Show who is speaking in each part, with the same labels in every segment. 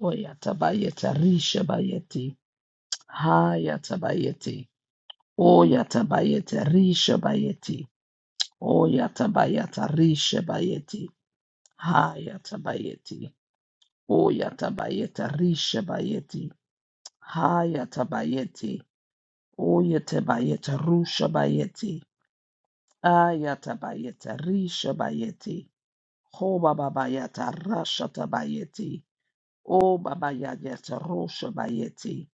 Speaker 1: Oyatabayete rishabayeti. Hayatabayeti. Oyatabayete rishabayeti. Oyatabayata rishabayeti. Hayatabayeti. Oyatabayeta rishabayeti. Hayatabayeti. Oyatabayeta rushabayeti. Ayatabayeta rishabayeti. Hobabayata rashatabayeti. O babayata roshabayeti.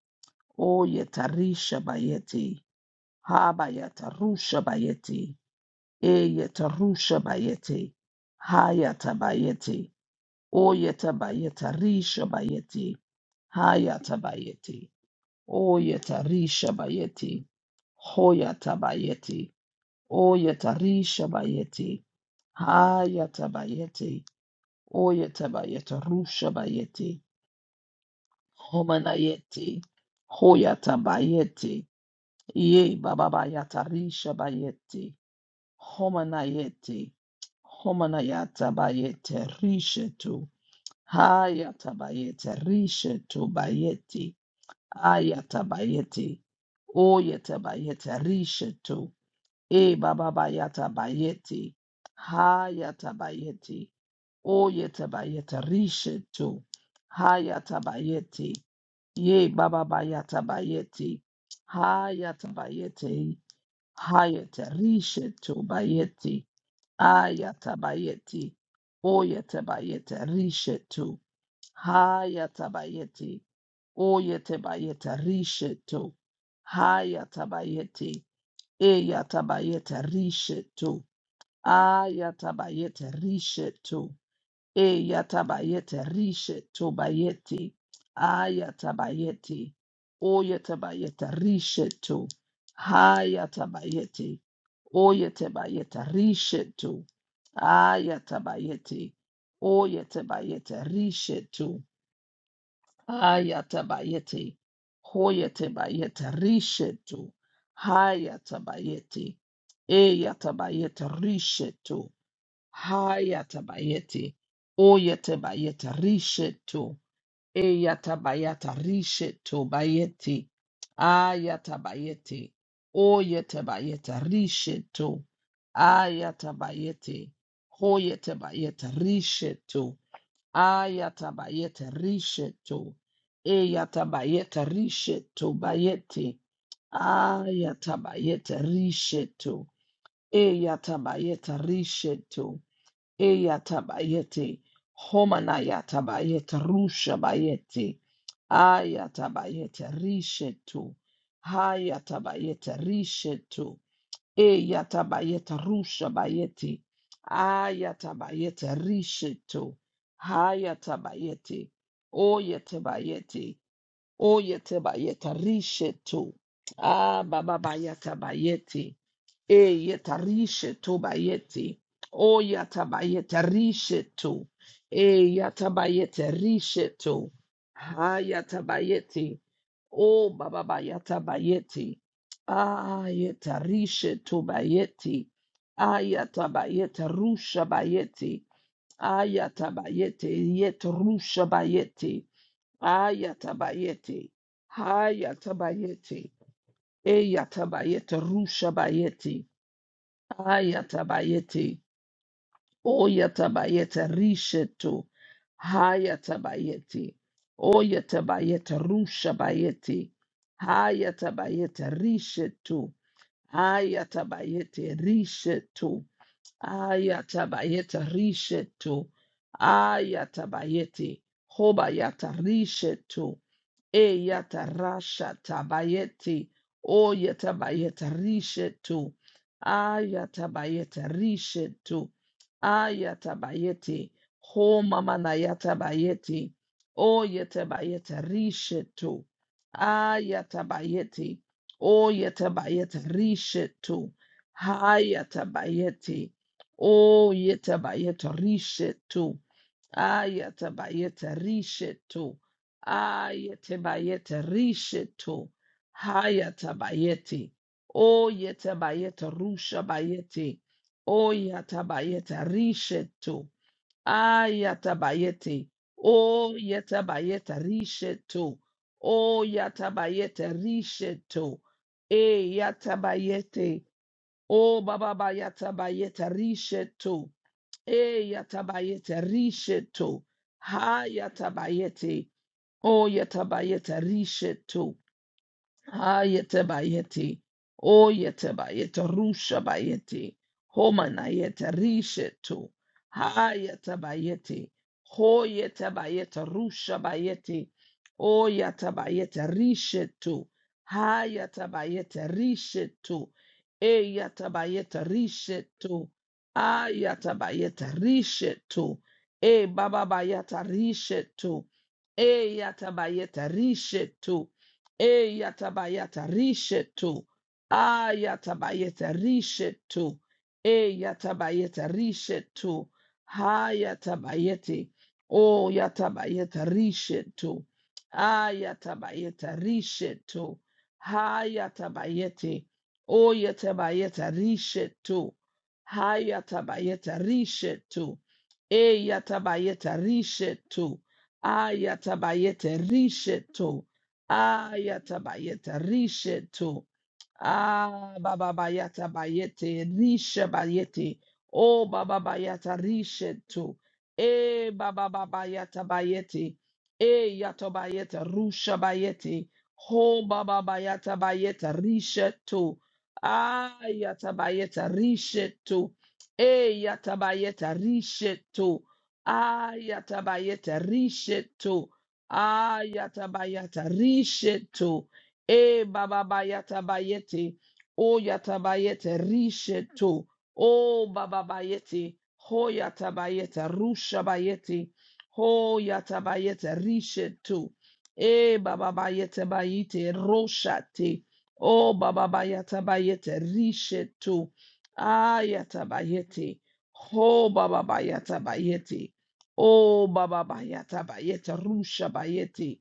Speaker 1: Oyetarisha bayeti. Habayata rusha bayeti. Eyeta rusha bayeti. Hayata bayeti. Oyeta bayeta risha bayeti. Hayata bayeti. Oyeta risha bayeti. Hoyata bayeti. Oyeta risha bayeti. Hayata bayeti. Oyeta bayeta rusha bayeti. Homanayeti. Hoyata bayeti. Ye baba bayata risha bayeti. Homanayeti. Homanayata bayete rishetu. Hayata bayete rishetu bayeti. Ayata bayeti. Oyete bayete rishetu. E baba bayata bayeti. Hayata bayeti. Oyete bayete rishetu. Hayata bayeti. Ye baba bayata bayeti. Hayata bayeti. Hayata rishetu bayeti. Ayatabayeti. Oyetabayeta rishetu. Hayatabayeti. Oyetabayeta rishetu. Hayatabayeti. Eyatabayeta rishetu. Ayatabayeta rishetu. Eyatabayeta rishetu bayeti. Ayatabayeti. Oyetabayeta rishetu. Hayatabayeti. Oyetabayeta rishetu. Ayatabayeti. Oyetabayeta rishetu. Ayatabayeti. Hoyetabayeta rishetu. Hayatabayeti. Eyatabayeta rishetu. Hayatabayeti. Oyetabayeta rishetu. Eyatabayata rishe tobayeti. Ayatabayeti. Oyetabayeta rishe to. Ayatabayeti. Hoyetabayeta rishe to. Ayatabayeta rishe to. Eyatabayeta rishe tobayeti. Ayatabayeta rishe to. Eyatabayeta rishe to. Eyatabayeti. Homanayatabayeta rusha bayeti. Ayatabayete rishetu. Hayatabayete rishetu. Eyatabayete rusha bayeti. Ayatabayete rishetu. Hayatabayete. Oyetabayete. Oyetabayete rishetu. Ah, baba bayatabayete. E yetarishe to bayeti. O yatabayete rishe to. E yatabayete rishe to. Ha yatabayeti. O bababa yatabayeti. Ah yetarishe to bayeti. Ah Ayatabayete rusha bayeti. Ah Ayatabayete yet rusha bayeti. Ah Ayatabayete. Ha yatabayete. E yatabayete rusha bayeti. Ayatabayeti. Oyatabayeta rishetu. Hayatabayeti. Oyatabayeta rushabayeti. Hayatabayeta rishetu. Ayatabayeti rishetu. Ayatabayeta rishetu. Ayatabayeti. Hobayata rishetu. E yatarasha tabayeti. O yatabayeta rishetu. Ayatabayeta rishetu. Ayatabayeti. Ho mama na yatabayeti. O yatabayeta rishetu. Ayatabayeti. O yatabayeta rishetu. Hayatabayeti. O yatabayeta rishetu. Ayatabayeta rishetu. Ayatabayeta rishetu. Hayatabayeti. Oyatabayeta rusha bayeti. Oyatabayeta rishetu. Ayatabayeti. Oyatabayeta rishetu. Oyatabayeta rishetu. Eyatabayeti. O baba bayatabayeta rishetu. E yatabayete risheto. Ha yatabayete. O yatabayete risheto. Ayete bayeti. o Oyete bayete. Rusha bayeti. Homanayete rishetu. Hayete bayeti. ho Hoyete bayete. Rusha bayeti. o Oyete bayete rishetu. Hayete bayete rishetu. Eyete bayete rishetu. Ayete bayete rishetu. E baba bayata rishetu. Eyete bayete rishetu. E Eyatabayata rishetu. Ah yatabayeta rishetu. e yatabayeta rishetu. ha Hayatabayeti. o yatabayeta rishetu. Ah yatabayeta rishetu. ha Hayatabayeti. o yatabayeta rishetu. ha yatabayeta rishetu. e yatabayeta rishetu. Ayatabayeta rishetu. Ayatabayeta rishetu. Ah, Baba Bayata Bayete, Risha Bayete, Oh Baba Bayata Rishetu, Eh Baba Bayata Bayete, Eh Yato Bayeta, Rusha Bayete, Ho Baba Bayata Bayeta Rishetu, Ah Yata Bayeta Rishetu, Eh Yata Bayeta Rishetu, Ah Yata Bayeta Rishetu, Ah Yata Bayeta Rishetu. E baba ba yata bayete. O yata bayete risheto. O baba bayete. Ho yata bayete rusha bayete. Ho yata bayete risheto. E baba bayete bayete roshate. O baba bayata bayete risheto. Ayata bayete. Ho baba bayata bayete. O baba bayata bayete rusha bayete.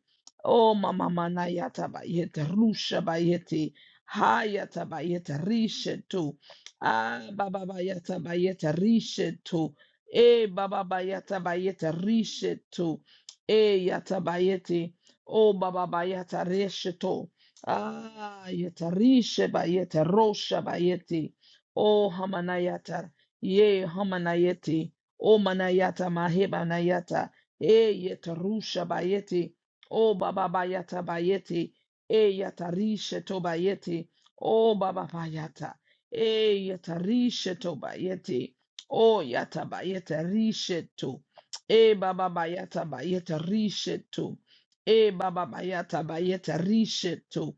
Speaker 1: Oh, mama mana yata bayete rusha bayete hayata bayete rishetu. Ah, baba bayata bayete rishetu. Eh, baba bayata bayete rishetu. Eh, yata bayete. Oh, baba bayata rishetu. Ah, yata rishe bayete rosha bayete. Oh, hamana yata. Ye hamana yete. Oh, manayata maheba nayata. Eh, yeta rusha bayete. O baba bayata bayete, e yatarishe to bayete, o baba bayata, e yatarishe to bayete, o yata bayete rishe to, e baba bayata bayete rishe to, e baba bayata bayete rishe to,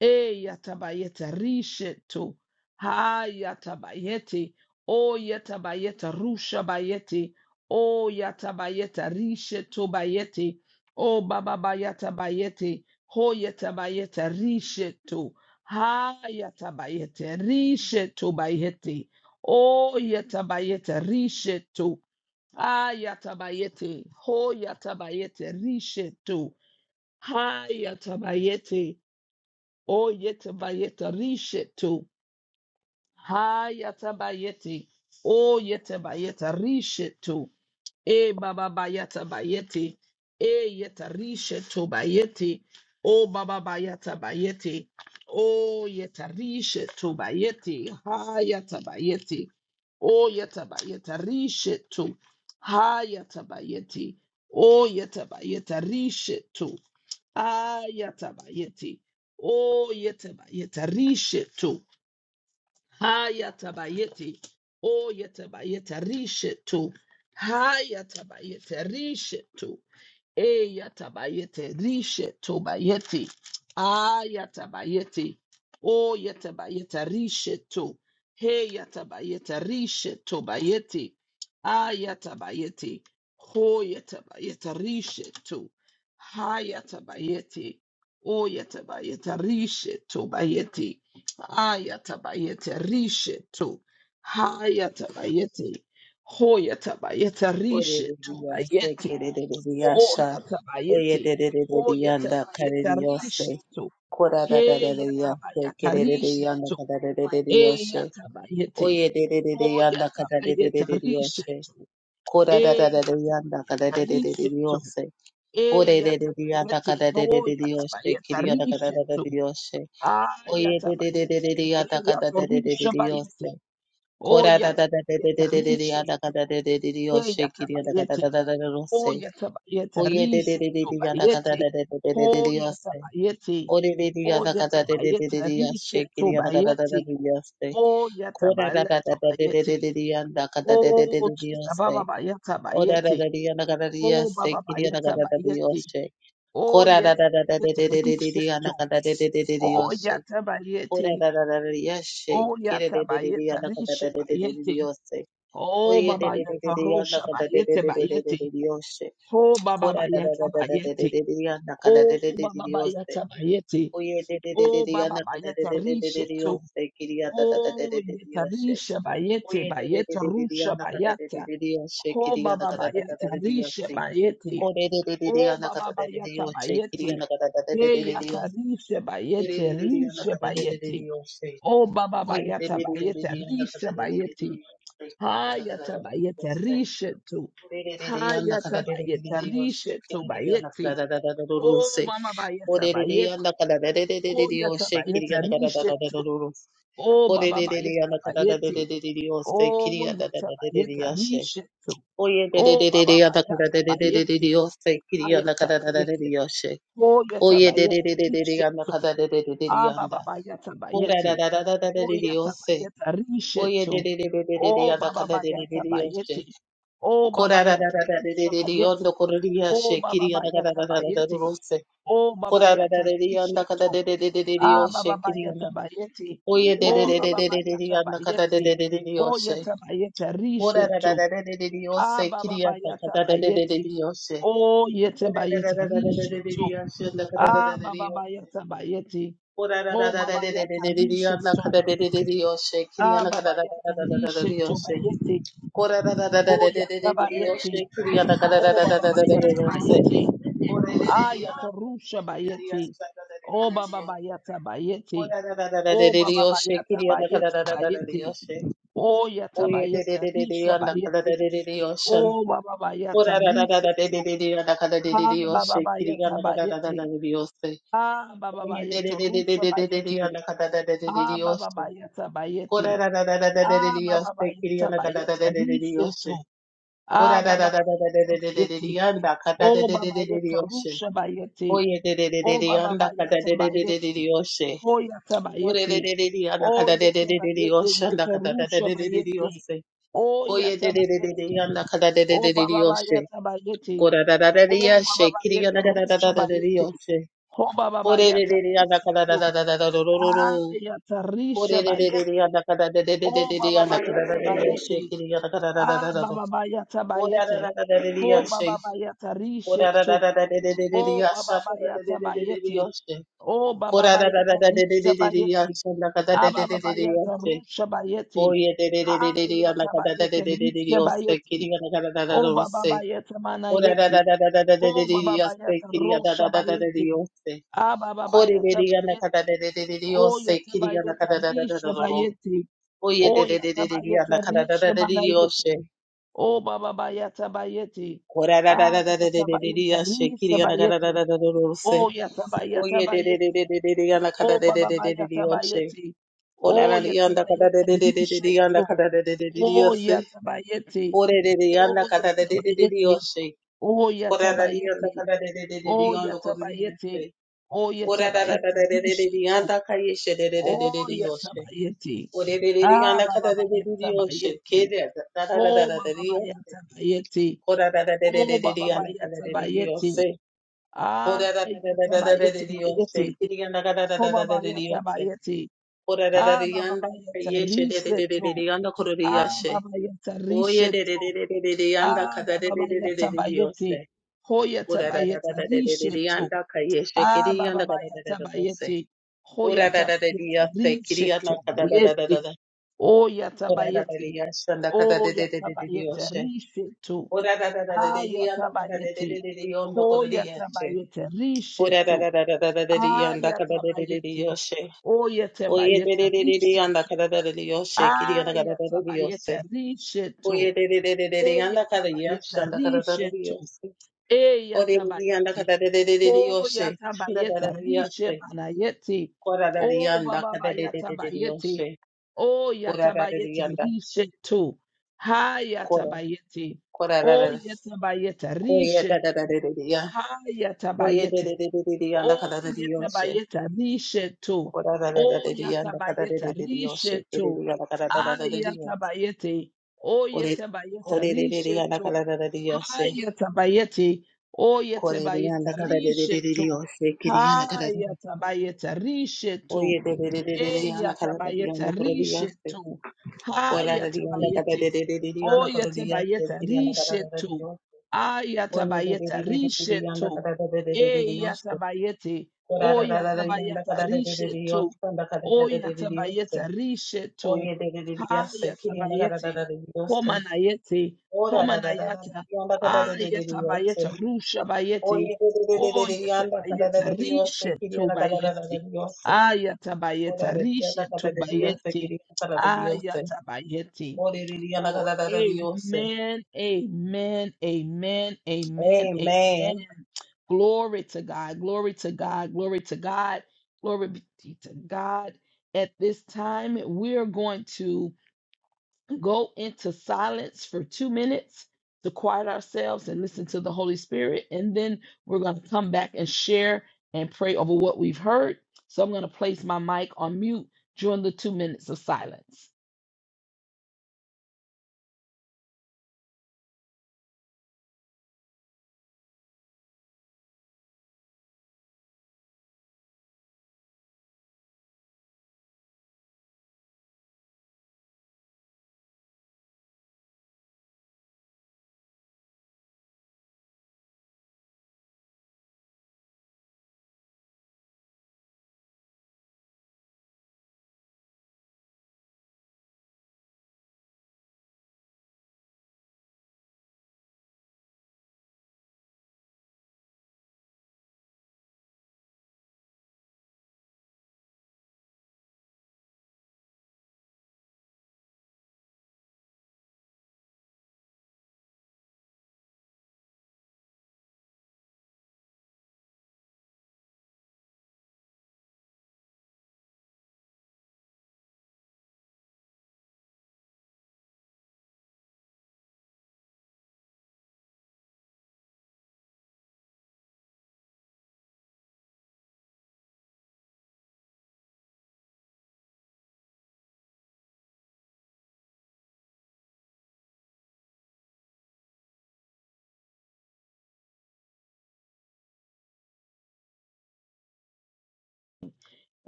Speaker 1: e yata bayete rishe to, ha yata bayete, o yata bayete rusha bayete, o yata bayete rishe to bayete, Oh baba bayata bayete, hoyata bayeta risheto, hayata bayete, risheto bayete, oh yata bayete, risheto, ayata bayete, hoyata bayete, risheto, hayata bayete, oh yata bayete, risheto, hayata bayete, oh yata bayete, risheto, E baba bayata bayete. E yeta rishe to bayete. O baba bayata bayete. O yeta rishe to bayete. Ha yata bayete. O yeta bayeta rishe to. Ha yata bayete. O yeta bayeta rishe to. Ha yata bayete. O yeta bayeta rishe to. Hayatabayeti. Oyatabayeta rishetu. Hayatabayeta rishetu. Eyatabayete, rishe tobayete, ayatabayete, o yatabayete rishe to, he heyatabayete, rishe tobayete, ayatabayete, ho yatabayete rishe to, hayatabayete, oyatabayete, rishe tobayete, ayatabayete, rishe to, hayatabayete, hoyatabayete, rishe tobayete, Oh,
Speaker 2: Oreririyashekerereriyasha.
Speaker 1: yatabayete. Oh,
Speaker 2: Oyererereriyanda kareriyose.
Speaker 1: yatabayetarishetu. Hey,
Speaker 2: Korarararariyashekerereriyanda
Speaker 1: yatabayatarishetu. Hey,
Speaker 2: karerereriyoshe.
Speaker 1: yatabayete. Oh,
Speaker 2: Oyererereriyanda karerereriyoshe.
Speaker 1: yatabayetarishetu. Hey,
Speaker 2: Korarararariyanda
Speaker 1: yatabayetarishetu. Hey, yatabayete. Oh, yatabayetarishetu. Ah, yatabayete. Hey, yatarishabayete. Oh,
Speaker 2: Kora da da da da da da da
Speaker 1: yatabayetarishetu.
Speaker 2: da da da da da da da da yo
Speaker 1: Hey,
Speaker 2: shake it da ka da
Speaker 1: yatabayete.
Speaker 2: da da da da ro
Speaker 1: Ho
Speaker 2: say.
Speaker 1: yatabayete
Speaker 2: Oh yeah da da da
Speaker 1: riseto
Speaker 2: da da da da
Speaker 1: bayete.
Speaker 2: da da da
Speaker 1: Ho
Speaker 2: da da da da yo say.
Speaker 1: yatabayete.
Speaker 2: Oh da da da
Speaker 1: Ho
Speaker 2: da da da da da da
Speaker 1: yatabayete
Speaker 2: da da yo shake it
Speaker 1: riseto
Speaker 2: da da da ka da da
Speaker 1: bayete.
Speaker 2: da de yo say.
Speaker 1: Ho
Speaker 2: Kora da da da
Speaker 1: yatabayete
Speaker 2: da da da da da
Speaker 1: bayete.
Speaker 2: da yo da da da da da da
Speaker 1: Oh
Speaker 2: da
Speaker 1: Jesus,
Speaker 2: yo
Speaker 1: Baba
Speaker 2: say.
Speaker 1: bayata
Speaker 2: Oh da da da
Speaker 1: bayete.
Speaker 2: da da da da da
Speaker 1: Oh
Speaker 2: yo
Speaker 1: Baba
Speaker 2: shake it da da da
Speaker 1: bayata
Speaker 2: ka da da de yo
Speaker 1: bayete.
Speaker 2: shake.
Speaker 1: Oh
Speaker 2: Kora da
Speaker 1: yete
Speaker 2: da da da da da da
Speaker 1: bayete
Speaker 2: da da yo da
Speaker 1: riseto.
Speaker 2: da da da da da da yo
Speaker 1: Oh
Speaker 2: shake.
Speaker 1: yata
Speaker 2: Kora
Speaker 1: bayete.
Speaker 2: da da da da yo shake
Speaker 1: Oh
Speaker 2: it da
Speaker 1: yata
Speaker 2: da da da
Speaker 1: bayete
Speaker 2: yo da da
Speaker 1: rishe
Speaker 2: da da da da
Speaker 1: bayete.
Speaker 2: yo say.
Speaker 1: Oh
Speaker 2: Oye, de
Speaker 1: Baba
Speaker 2: de de de
Speaker 1: yata
Speaker 2: de yanda
Speaker 1: rosha
Speaker 2: kada de de
Speaker 1: bayete
Speaker 2: de de de de
Speaker 1: bayete.
Speaker 2: de diyorse.
Speaker 1: Oh Baba
Speaker 2: Kora da da
Speaker 1: bayata
Speaker 2: da da da de de
Speaker 1: bayete.
Speaker 2: de de yanda kada de
Speaker 1: Oh,
Speaker 2: de de de
Speaker 1: Baba
Speaker 2: diyorse.
Speaker 1: Bayata Bayete.
Speaker 2: Oye, de de de de
Speaker 1: Oh,
Speaker 2: de
Speaker 1: Baba
Speaker 2: yanda kada de
Speaker 1: Bayata
Speaker 2: de de de de
Speaker 1: Risha to.
Speaker 2: diyorse. Kiriya da da da de de
Speaker 1: Oh,
Speaker 2: de
Speaker 1: Yeta
Speaker 2: diyorse.
Speaker 1: Risha Bayete
Speaker 2: Oye, de de de
Speaker 1: Bayeta
Speaker 2: de de de
Speaker 1: Rusha
Speaker 2: yanda kada de de
Speaker 1: Bayata.
Speaker 2: de diyorse.
Speaker 1: Oh,
Speaker 2: Kiriya da
Speaker 1: Baba
Speaker 2: kada da da da
Speaker 1: Bayata
Speaker 2: de
Speaker 1: Risha
Speaker 2: diyorse.
Speaker 1: Bayete.
Speaker 2: Kore de de de de
Speaker 1: Oh,
Speaker 2: yanda kada
Speaker 1: Baba
Speaker 2: da de
Speaker 1: Bayata
Speaker 2: diyorse. Kiriya
Speaker 1: Bayete.
Speaker 2: da kada da da de de
Speaker 1: Hey,
Speaker 2: de
Speaker 1: Yata
Speaker 2: diyorse.
Speaker 1: Risha
Speaker 2: Ere de
Speaker 1: Bayete
Speaker 2: de de yanda
Speaker 1: Risha
Speaker 2: kada de de de
Speaker 1: Bayete.
Speaker 2: diyorse.
Speaker 1: Oh, Baba
Speaker 2: Oye, de
Speaker 1: Bayata
Speaker 2: de de de
Speaker 1: Bayete
Speaker 2: de yanda kada
Speaker 1: Risha
Speaker 2: de de de
Speaker 1: Bayete.
Speaker 2: diyorse. Kiriya da kada da da
Speaker 1: Hayata
Speaker 2: de
Speaker 1: Bayete
Speaker 2: diyorse.
Speaker 1: Risha to.
Speaker 2: Oye,
Speaker 1: Hayata Bayete Risha to Bayete. Oh, Mama Bayeta Bayete. Oh, yatabayeta, rishetu. Oh, bababayeta, bayeti. Oh, yatabayeta, rishetu. Oh, bababayeta, bayeti. Ayata, bayeti. Oh, yatabayeta, rishetu. Ah, bababayeta, bayeti. Oh, yatabayeta, rishetu. Oh, bababayeta, bayeti. Oh, babayeta, risha, bayeti. Oh, bababayeta, bayeti. Oh, babayeta, rishetu. Ah, Baba Bayeta Bayeti. Oh, Baba Bayeta Bayeti. Oh, Yeta Bayeta Risheto. Ah, Baba Bayeta Bayeti. Oh, Yeta Bayeta Risheto. Ah, Baba Bayeta Bayeti. Oh, Baba Yeta Risheto. Ah, Baba Yeta Risheto Bayeti.
Speaker 2: Oye,
Speaker 1: Oh, Yeta Bayeti. Oh, Baba Bayeta Bayeti. Ah, Yeta Rusha Bayeti. Oh, Baba Bayeta Bayeti. Oh, Baba Bayeta Bayeti Bayeti. Oh yata bayeta risha bayeti. Oh baba bayeta riseto. Ha baba bayeta bayeti. Ah baba bayeta rusha bayeti. Ah baba bayeta bayeti. Ah baba bayeta bayeti riseto. Ah
Speaker 2: Ora da da
Speaker 1: baba
Speaker 2: da da da da
Speaker 1: bayeta
Speaker 2: da da da da da
Speaker 1: bayeti.
Speaker 2: yanda kata da
Speaker 1: Oh
Speaker 2: da da
Speaker 1: baba
Speaker 2: da da
Speaker 1: yeta
Speaker 2: yoshe.
Speaker 1: rusha bayeti.
Speaker 2: Oye da da da da
Speaker 1: Oh
Speaker 2: da
Speaker 1: baba
Speaker 2: yanda kata da
Speaker 1: bayeta
Speaker 2: da da da da
Speaker 1: bayeti.
Speaker 2: da yoshe.
Speaker 1: Oh yata
Speaker 2: Ore da da
Speaker 1: bayeti.
Speaker 2: da da da yanda
Speaker 1: Oh
Speaker 2: kata da da
Speaker 1: yeta
Speaker 2: da da da
Speaker 1: bayeti
Speaker 2: yoshe
Speaker 1: yeta
Speaker 2: yanda kata da da da da da
Speaker 1: rusha
Speaker 2: da
Speaker 1: bayeti.
Speaker 2: yoshe.
Speaker 1: Oh
Speaker 2: Oye da
Speaker 1: yata
Speaker 2: da da da da
Speaker 1: bayeti.
Speaker 2: yanda kata da da
Speaker 1: Oh
Speaker 2: da da da
Speaker 1: Baba
Speaker 2: yoshe.
Speaker 1: Bayata Bayeti.
Speaker 2: Kora da da da da da
Speaker 1: Oh Baba
Speaker 2: yoshe. Kiri
Speaker 1: Bayeta
Speaker 2: yanda kata da
Speaker 1: Rusha
Speaker 2: da da da da
Speaker 1: Bayeti.
Speaker 2: yoshe.
Speaker 1: Oh Baba
Speaker 2: Ore da da
Speaker 1: Bayata
Speaker 2: da da yanda
Speaker 1: Risha
Speaker 2: kata da
Speaker 1: Tu.
Speaker 2: da da da da da ro ro ro.
Speaker 1: Ah Yata Risha
Speaker 2: Kore da da da da da
Speaker 1: Bayeti.
Speaker 2: yanda kata da da da da
Speaker 1: Oh
Speaker 2: da da
Speaker 1: Baba
Speaker 2: yanda kata da
Speaker 1: Bayata
Speaker 2: da da yoshe.
Speaker 1: Bayeti.
Speaker 2: Kiri yanda kata da da
Speaker 1: Ah
Speaker 2: da da da.
Speaker 1: Baba Bayata
Speaker 2: Ora da
Speaker 1: Bayeti.
Speaker 2: da da da da da
Speaker 1: Oh
Speaker 2: yoshe.
Speaker 1: Baba Bayata
Speaker 2: Oye, Kiriya na kara na
Speaker 1: Risha Tu.
Speaker 2: na
Speaker 1: Oh Baba Bayata Bayeti. Oh Baba Bayata Risha Bayeti. Ah Baba Bayata Rusha Bayeti. Ah Bayeta Risha Bayeti. Oh Baba Bayeta Manayeti. Oh Baba Bayeta Rosha Bayeti. Abba Baba Yeta Bayeti. Oh Yeta Bayeta Risha Bayeti. Oh Yeta Bayeta Risha Manayeti. Oh Baba Bayeta Bayeti.
Speaker 2: na na
Speaker 1: Ah Yeta Bayeta Risha
Speaker 2: na
Speaker 1: Bayeti.
Speaker 2: na na.
Speaker 1: Oh Yeta Bayeta
Speaker 2: Oye de de de
Speaker 1: Bayeti.
Speaker 2: de de de de yanda kada
Speaker 1: Oh
Speaker 2: de de
Speaker 1: Baba
Speaker 2: de de de de
Speaker 1: Bayeta
Speaker 2: yoshe.
Speaker 1: Bayeti.
Speaker 2: Ola
Speaker 1: Oh
Speaker 2: na
Speaker 1: Yeta
Speaker 2: yanda kada de
Speaker 1: Bayeta
Speaker 2: de de de de
Speaker 1: Risha
Speaker 2: de yanda
Speaker 1: Tu.
Speaker 2: kada de de de de de
Speaker 1: Oh
Speaker 2: yoshe.
Speaker 1: Yeta Bayeti.
Speaker 2: Ore de de yanda
Speaker 1: Oh
Speaker 2: kada de
Speaker 1: Yeta
Speaker 2: de de de de
Speaker 1: Bayeti.
Speaker 2: yoshe.
Speaker 1: O
Speaker 2: Ora na yanda
Speaker 1: yatabayete,
Speaker 2: kada de de de de de
Speaker 1: o
Speaker 2: yanda kada de
Speaker 1: yatabayete,
Speaker 2: yoshe.
Speaker 1: o
Speaker 2: Ora da da da
Speaker 1: yatabayete,
Speaker 2: da de de de de
Speaker 1: rishetu,
Speaker 2: yanda kaya she de de de
Speaker 1: o
Speaker 2: de de de yoshe.
Speaker 1: yatabayete,
Speaker 2: Ore de de de
Speaker 1: ah
Speaker 2: yanda kada
Speaker 1: baba
Speaker 2: de de de de yoshe.
Speaker 1: yatabayete,
Speaker 2: Kede da da da da da
Speaker 1: o
Speaker 2: da de
Speaker 1: baba
Speaker 2: yoshe.
Speaker 1: yatabayete,
Speaker 2: Ora da da de de
Speaker 1: o
Speaker 2: de de de
Speaker 1: baba
Speaker 2: yanda kada de de de
Speaker 1: yatabayete,
Speaker 2: yoshe.
Speaker 1: ah
Speaker 2: Ora da da da da da da de
Speaker 1: yatabayete
Speaker 2: de de
Speaker 1: bayete,
Speaker 2: yoshe. Kede yanda kada da
Speaker 1: o
Speaker 2: da da da
Speaker 1: baba
Speaker 2: de de yoshe.
Speaker 1: yatabayete,
Speaker 2: Ora
Speaker 1: ah
Speaker 2: Orararariyanda
Speaker 1: baba yata
Speaker 2: kayeshe
Speaker 1: rishetu,
Speaker 2: dededededeyanda
Speaker 1: ah
Speaker 2: kororiyashe.
Speaker 1: baba yata
Speaker 2: Oye
Speaker 1: rishetu,
Speaker 2: dedededededeyanda
Speaker 1: ah baba
Speaker 2: kadadedededededeyose.
Speaker 1: yatabayete, o yatabayete rishetu.
Speaker 2: Orarararararariyanda kayeshe
Speaker 1: Ah, Baba
Speaker 2: kiriyanda
Speaker 1: Yata
Speaker 2: kadadadadadose.
Speaker 1: Bayeti, Hoyata Bayeta,
Speaker 2: Orarararariyase kiriyanda
Speaker 1: Risheto Bayeti,
Speaker 2: kadadadadadada.
Speaker 1: Oyata Bayeti,
Speaker 2: Korararariyashanda
Speaker 1: Oyata Bayeta,
Speaker 2: kadadededededeyoshe.
Speaker 1: Risheto,
Speaker 2: Orararararariyanda
Speaker 1: Ayata Bayeti,
Speaker 2: kadadededededeyonda
Speaker 1: Hoyata
Speaker 2: kororiyashe.
Speaker 1: Bayeta, Risheto,
Speaker 2: Orarararararariyanda
Speaker 1: Ayata Bayeti,
Speaker 2: kadadedededeyoshe.
Speaker 1: Oyata
Speaker 2: Oye
Speaker 1: Bayeta,
Speaker 2: dededededeyanda
Speaker 1: Risheto,
Speaker 2: kadadadadadeyoshe kiriyanda
Speaker 1: Ayata
Speaker 2: kadadadadadeyose.
Speaker 1: Bayeta, Risheto,
Speaker 2: Oye, de, de, de, de, de, de, anda
Speaker 1: Eyata
Speaker 2: cada día,
Speaker 1: Bayeta,
Speaker 2: anda cada día, de
Speaker 1: Risheto,
Speaker 2: Dios.
Speaker 1: E
Speaker 2: Ore, de, de, anda
Speaker 1: yatabayeti.
Speaker 2: cada día, de, de, de,
Speaker 1: O
Speaker 2: Dios, sí. anda
Speaker 1: yatabayeta.
Speaker 2: cada día,
Speaker 1: Rishe
Speaker 2: de,
Speaker 1: panayeti.
Speaker 2: cora, de, de,
Speaker 1: O
Speaker 2: anda
Speaker 1: baba
Speaker 2: cada día, de, de, de, Dios,
Speaker 1: yatabayeti. O
Speaker 2: ora, de, de,
Speaker 1: yatabayeta.
Speaker 2: anda,
Speaker 1: Rishe tu. Ha
Speaker 2: cora,
Speaker 1: yatabayeti.
Speaker 2: cora,
Speaker 1: O
Speaker 2: de, de,
Speaker 1: yatabayeta.
Speaker 2: oye,
Speaker 1: Rishe
Speaker 2: de, de,
Speaker 1: tu.
Speaker 2: de, de, de, de, oye, de,
Speaker 1: Ha
Speaker 2: de, de, de, de, de, anda
Speaker 1: Oh
Speaker 2: cada día, Dios, sí.
Speaker 1: yetabayeta risheto.
Speaker 2: cora, de, de, de,
Speaker 1: Oh
Speaker 2: de, de, anda cada día, de,
Speaker 1: yatabayeta
Speaker 2: de, Dios, de, de,
Speaker 1: risheto.
Speaker 2: de, anda cada día, de, de, Dios, sí.
Speaker 1: Ayatabayete. Oh
Speaker 2: ore,
Speaker 1: yetabayeta
Speaker 2: ore, de, de, de, anda
Speaker 1: risheto.
Speaker 2: cada día, de, Dios,
Speaker 1: Hayatabayete. Oh
Speaker 2: ore, de, anda
Speaker 1: yetabayeta
Speaker 2: cada día, de, de, de,
Speaker 1: risheto.
Speaker 2: Dios, sí. que, de, anda cada día.
Speaker 1: Hayatabayeta risheto.
Speaker 2: Oye, de de de de de de anda cada día anda
Speaker 1: Eyatabayeta
Speaker 2: por el día se
Speaker 1: rishetu.
Speaker 2: cora de día anda cada
Speaker 1: Hayatabayete.
Speaker 2: de de de de de anda por el día se
Speaker 1: Oyatabayeta
Speaker 2: día anda cada de de
Speaker 1: rishetu.
Speaker 2: de oye de de
Speaker 1: Ayatabayeta
Speaker 2: de de de de de anda
Speaker 1: rishetu.
Speaker 2: cada de de de de de se
Speaker 1: Eyatabayete.
Speaker 2: cora de de de de anda
Speaker 1: Oyatabayeta
Speaker 2: cada de de de de de
Speaker 1: rishetu.
Speaker 2: se anda cada de de
Speaker 1: Oyatabayeta
Speaker 2: de de de oye
Speaker 1: rishetu.
Speaker 2: de de de de se kiri anda cada de de de
Speaker 1: Hayatabayete.
Speaker 2: de ora de de
Speaker 1: Homanayete.
Speaker 2: de
Speaker 1: Homanayata.
Speaker 2: de anda cada de de de de se
Speaker 1: Ayatabayeta rushabayete.
Speaker 2: oye de de de de de anda cada de
Speaker 1: Oyatabayeta
Speaker 2: de de de se kiri
Speaker 1: rishetu
Speaker 2: anda cada
Speaker 1: bayete.
Speaker 2: de de de de ora
Speaker 1: Ayatabayeta,
Speaker 2: de de
Speaker 1: Risha
Speaker 2: de de de kiri
Speaker 1: Tubayeti,
Speaker 2: anda cada de de de
Speaker 1: Ayatabayeti.
Speaker 2: Amen.
Speaker 1: Oh, amen, amen, amen, amen, amen. Glory to God, glory to God, glory to God, glory be to God. At this time, we're going to go into silence for two minutes to quiet ourselves and listen to the Holy Spirit. And then we're going to come back and share and pray over what we've heard. So I'm going to place my mic on mute during the two minutes of silence.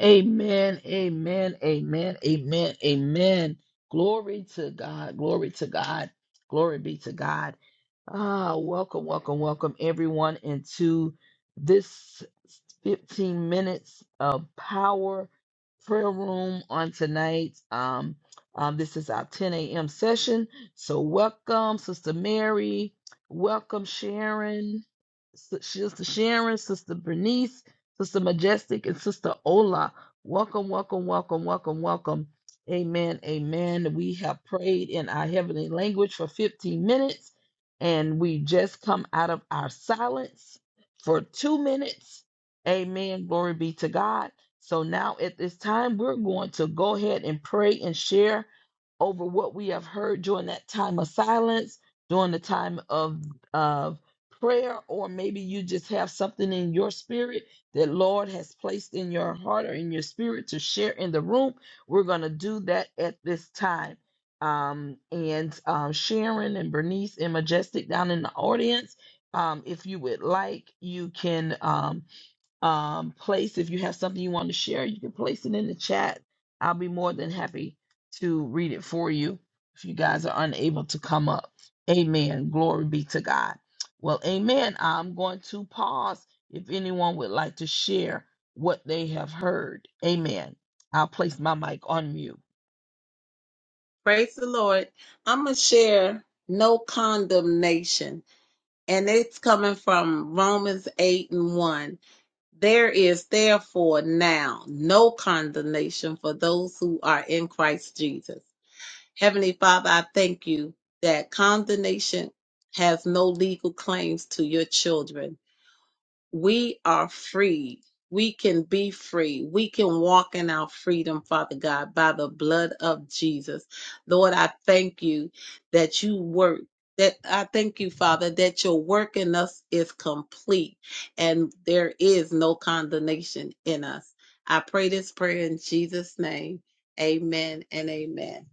Speaker 1: Amen, amen, amen, amen, amen. Glory to God, glory to God, glory be to God. Ah, welcome, welcome, welcome everyone into this 15 minutes of power prayer room on tonight. Um, um, this is our 10 a.m. session. So welcome, Sister Mary. Welcome, Sharon. S- Sister Sharon, Sister Bernice. Sister Majestic and Sister Ola. Welcome, welcome, welcome, welcome, welcome. Amen, amen. We have prayed in our heavenly language for 15 minutes, and we just come out of our silence for two minutes. Amen. Glory be to God. So now at this time, we're going to go ahead and pray and share over what we have heard during that time of silence, during the time of, of prayer, or maybe you just have something in your spirit that Lord has placed in your heart or in your spirit to share in the room, we're going to do that at this time. Um, and um, Sharon and Bernice and Majestic down in the audience, um, if you would like, you can. Um, um, place. If you have something you want to share, you can place it in the chat. I'll be more than happy to read it for you if you guys are unable to come up. Amen. Glory be to God. Well, amen. I'm going to pause if anyone would like to share what they have heard. Amen. I'll place my mic on mute.
Speaker 2: Praise the Lord. I'm going to share no condemnation, and it's coming from Romans 8 and 1. There is therefore now no condemnation for those who are in Christ Jesus. Heavenly Father, I thank you that condemnation has no legal claims to your children. we are free. We can be free. We can walk in our freedom, Father God, by the blood of Jesus. Lord, I thank you that you work. That I thank you, Father, that your work in us is complete and there is no condemnation in us. I pray this prayer in Jesus' name. Amen and amen.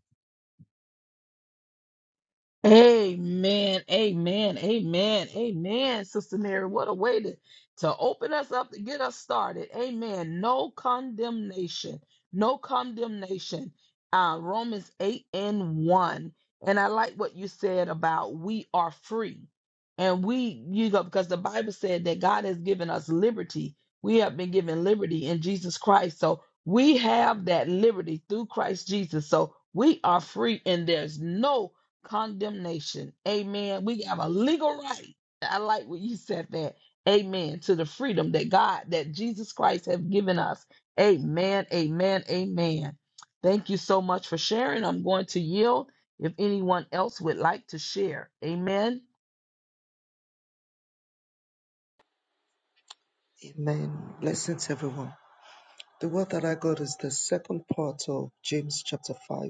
Speaker 1: Amen. Amen. Amen. Amen. Sister Mary, what a way to, to open us up to get us started. Amen. No condemnation. No condemnation. Uh, Romans 8 and 1. And I like what you said about we are free. And we, you know, because the Bible said that God has given us liberty. We have been given liberty in Jesus Christ. So we have that liberty through Christ Jesus. So we are free and there's no condemnation. Amen. We have a legal right. I like what you said that. Amen. To the freedom that God, that Jesus Christ have given us. Amen. Amen. Amen. Thank you so much for sharing. I'm going to yield if anyone else would like to share. Amen.
Speaker 3: Amen. Blessings, everyone. The word that I got is the second part of James chapter 5,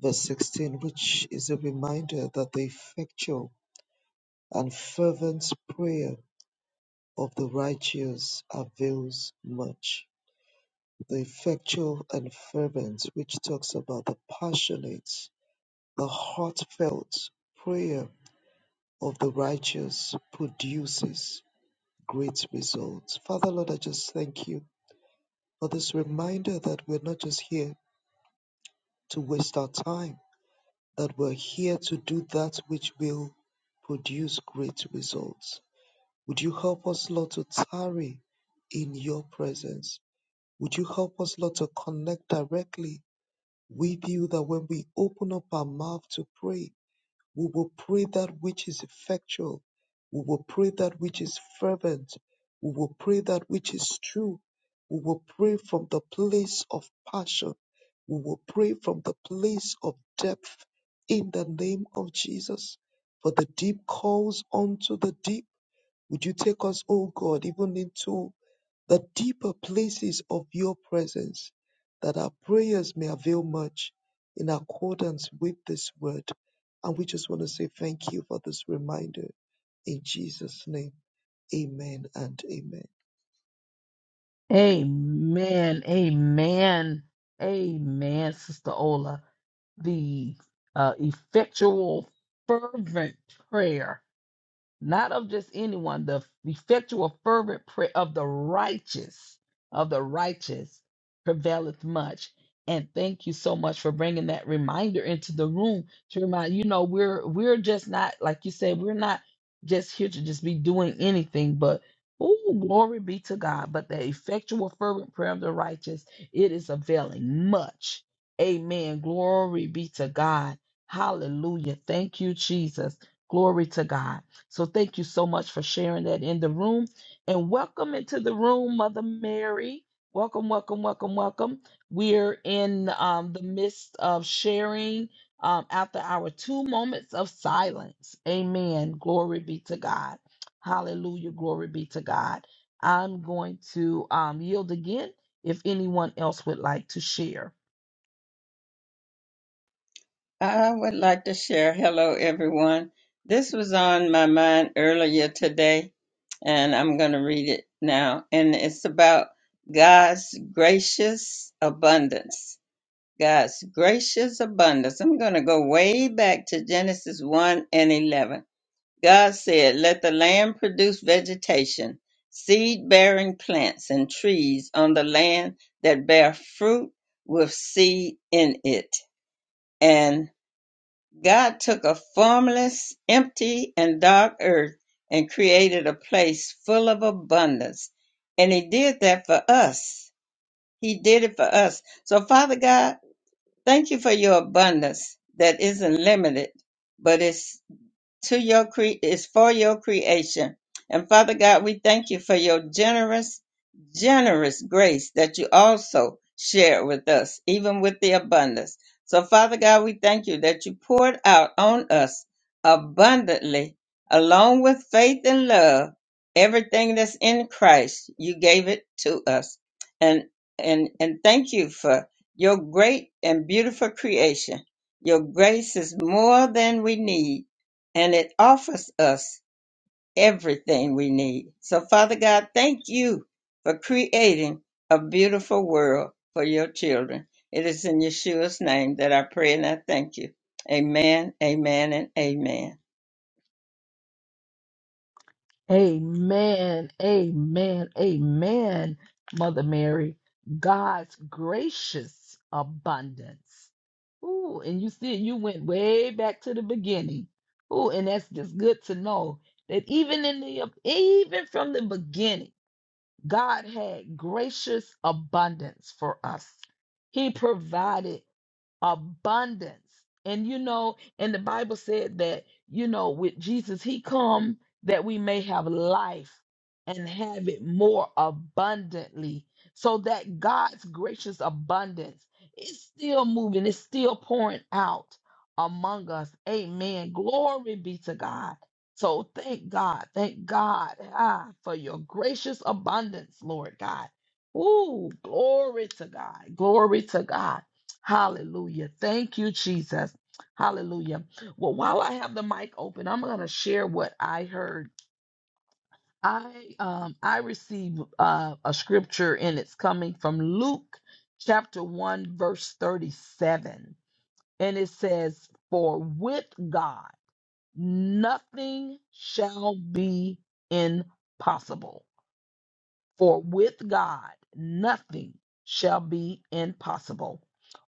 Speaker 3: verse 16, which is a reminder that the effectual and fervent prayer of the righteous avails much. The effectual and fervent, which talks about the passionate, the heartfelt prayer of the righteous produces great results. Father, Lord, I just thank you for this reminder that we're not just here to waste our time, that we're here to do that which will produce great results. Would you help us, Lord, to tarry in your presence? Would you help us, Lord, to connect directly with you that when we open up our mouth to pray, we will pray that which is effectual. We will pray that which is fervent. We will pray that which is true. We will pray from the place of passion. We will pray from the place of depth in the name of Jesus. For the deep calls unto the deep would you take us, O God, even into the deeper places of your presence, that our prayers may avail much in accordance with this word. And we just want to say thank you for this reminder. In Jesus' name, amen and amen.
Speaker 1: Amen. Amen. Amen, Sister Ola. The uh, effectual, fervent prayer not of just anyone, the effectual fervent prayer of the righteous, of the righteous prevaileth much. And thank you so much for bringing that reminder into the room to remind you know we're we're just not like you said we're not just here to just be doing anything but oh glory be to God but the effectual fervent prayer of the righteous it is availing much amen glory be to God hallelujah thank you Jesus glory to God so thank you so much for sharing that in the room. And welcome into the room, Mother Mary. Welcome, welcome, welcome, welcome. We're in um, the midst of sharing um, after our two moments of silence. Amen. Glory be to God. Hallelujah. Glory be to God. I'm going to um, yield again if anyone else would like to share.
Speaker 4: I would like to share. Hello, everyone. This was on my mind earlier today, and I'm going to read it now. And it's about God's gracious abundance. God's gracious abundance. I'm going to go way back to Genesis 1 and 11. God said, Let the land produce vegetation, seed bearing plants, and trees on the land that bear fruit with seed in it. God took a formless, empty, and dark earth and created a place full of abundance. And He did that for us. He did it for us. So, Father God, thank you for your abundance that isn't limited, but it's to your cre- is for your creation. And Father God, we thank you for your generous, generous grace that you also shared with us, even with the abundance. So, Father God, we thank you that you poured out on us abundantly, along with faith and love, everything that's in Christ. You gave it to us, and and and thank you for your great and beautiful creation. Your grace is more than we need and it offers us everything we need. So, Father God, thank you for creating a beautiful world for your children. It is in Yeshua's name that I pray and I thank you. Amen, amen, and amen.
Speaker 1: Amen. Amen. Amen. Mother Mary, God's gracious abundance. Ooh, and you see, you went way back to the beginning. Ooh, and that's just good to know that even in the even from the beginning, God had gracious abundance for us. He provided abundance and you know and the bible said that you know with jesus he come that we may have life and have it more abundantly so that god's gracious abundance is still moving it's still pouring out among us amen glory be to god so thank god thank god ah, for your gracious abundance lord god Ooh, glory to God. Glory to God. Hallelujah. Thank you, Jesus. Hallelujah. Well, while I have the mic open, I'm going to share what I heard. I um I received uh, a scripture and it's coming from Luke chapter 1 verse 37. And it says, "For with God nothing shall be impossible." For with God, nothing shall be impossible.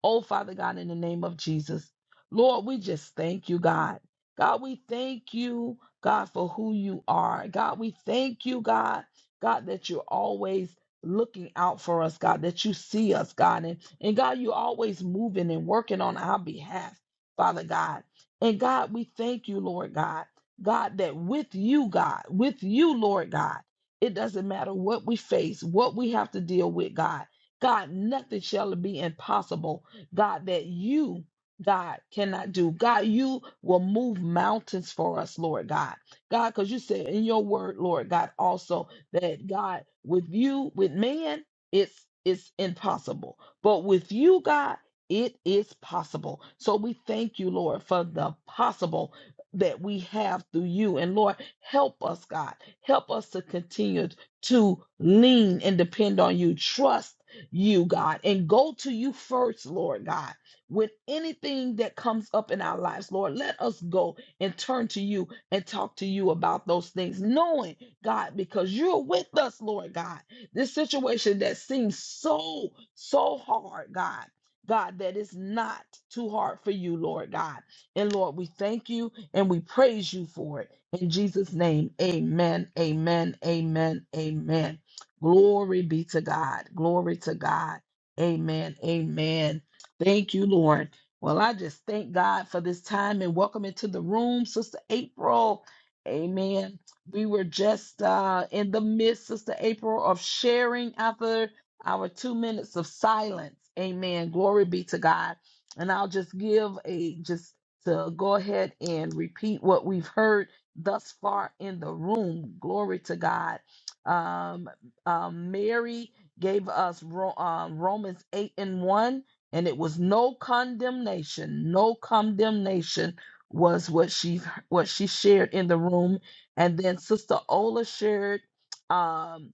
Speaker 1: Oh, Father God, in the name of Jesus, Lord, we just thank you, God. God, we thank you, God, for who you are. God, we thank you, God, God, that you're always looking out for us, God, that you see us, God. And, and God, you're always moving and working on our behalf, Father God. And God, we thank you, Lord God. God, that with you, God, with you, Lord God. It doesn't matter what we face, what we have to deal with, God. God, nothing shall be impossible, God, that you, God, cannot do. God, you will move mountains for us, Lord God. God, because you said in your word, Lord God, also that God, with you, with man, it's it's impossible. But with you, God, it is possible. So we thank you, Lord, for the possible that we have through you. And Lord, help us, God. Help us to continue to lean and depend on you, trust you, God, and go to you first, Lord God. With anything that comes up in our lives, Lord, let us go and turn to you and talk to you about those things, knowing, God, because you're with us, Lord God. This situation that seems so, so hard, God. God, that is not too hard for you, Lord God. And Lord, we thank you and we praise you for it. In Jesus' name, amen, amen, amen, amen. Glory be to God. Glory to God. Amen, amen. Thank you, Lord. Well, I just thank God for this time and welcome into the room, Sister April. Amen. We were just uh, in the midst, Sister April, of sharing after our two minutes of silence. Amen. Glory be to God. And I'll just give a just to go ahead and repeat what we've heard thus far in the room. Glory to God. Um, um, Mary gave us Ro- um, Romans 8 and 1, and it was no condemnation. No condemnation was what she what she shared in the room. And then Sister Ola shared um,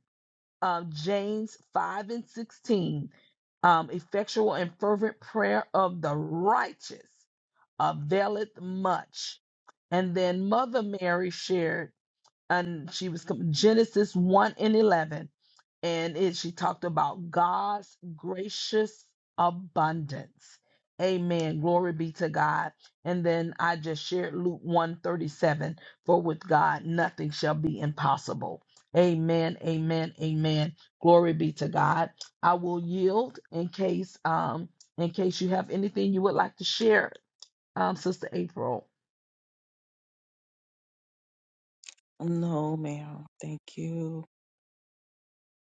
Speaker 1: um, James 5 and 16, um, effectual and fervent prayer of the righteous availeth much. And then Mother Mary shared, and she was com- Genesis 1 and 11, and it, she talked about God's gracious abundance. Amen. Glory be to God. And then I just shared Luke 137, for with God nothing shall be impossible. Amen. Amen. Amen. Glory be to God. I will yield in case um in case you have anything you would like to share um, Sister April.
Speaker 5: No, ma'am. Thank you.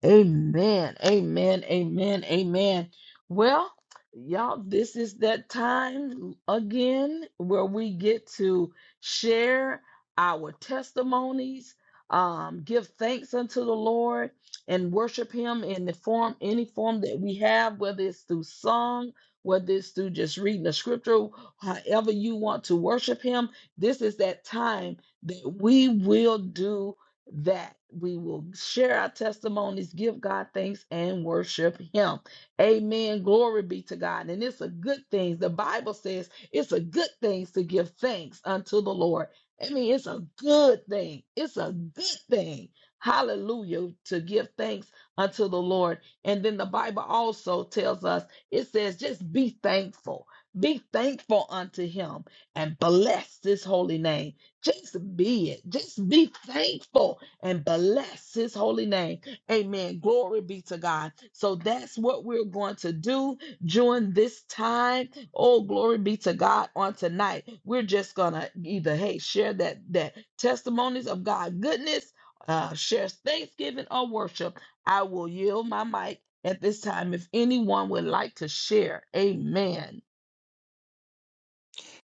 Speaker 1: Amen. Amen. Amen. Amen. Well, y'all, this is that time again where we get to share our testimonies, um, give thanks unto the Lord, and worship Him in the form, any form that we have, whether it's through song, whether it's through just reading the scripture, however you want to worship Him. This is that time that we will do that we will share our testimonies, give God thanks, and worship Him. Amen. Glory be to God. And it's a good thing. The Bible says it's a good thing to give thanks unto the Lord. I mean, it's a good thing. It's a good thing. Hallelujah. To give thanks unto the Lord. And then the Bible also tells us it says, just be thankful. Be thankful unto Him and bless this holy name. Just be it. Just be thankful and bless his holy name. Amen. Glory be to God. So that's what we're going to do during this time. Oh, glory be to God on tonight. We're just gonna either hey, share that that testimonies of God goodness, uh, share thanksgiving or worship. I will yield my mic at this time if anyone would like to share. Amen.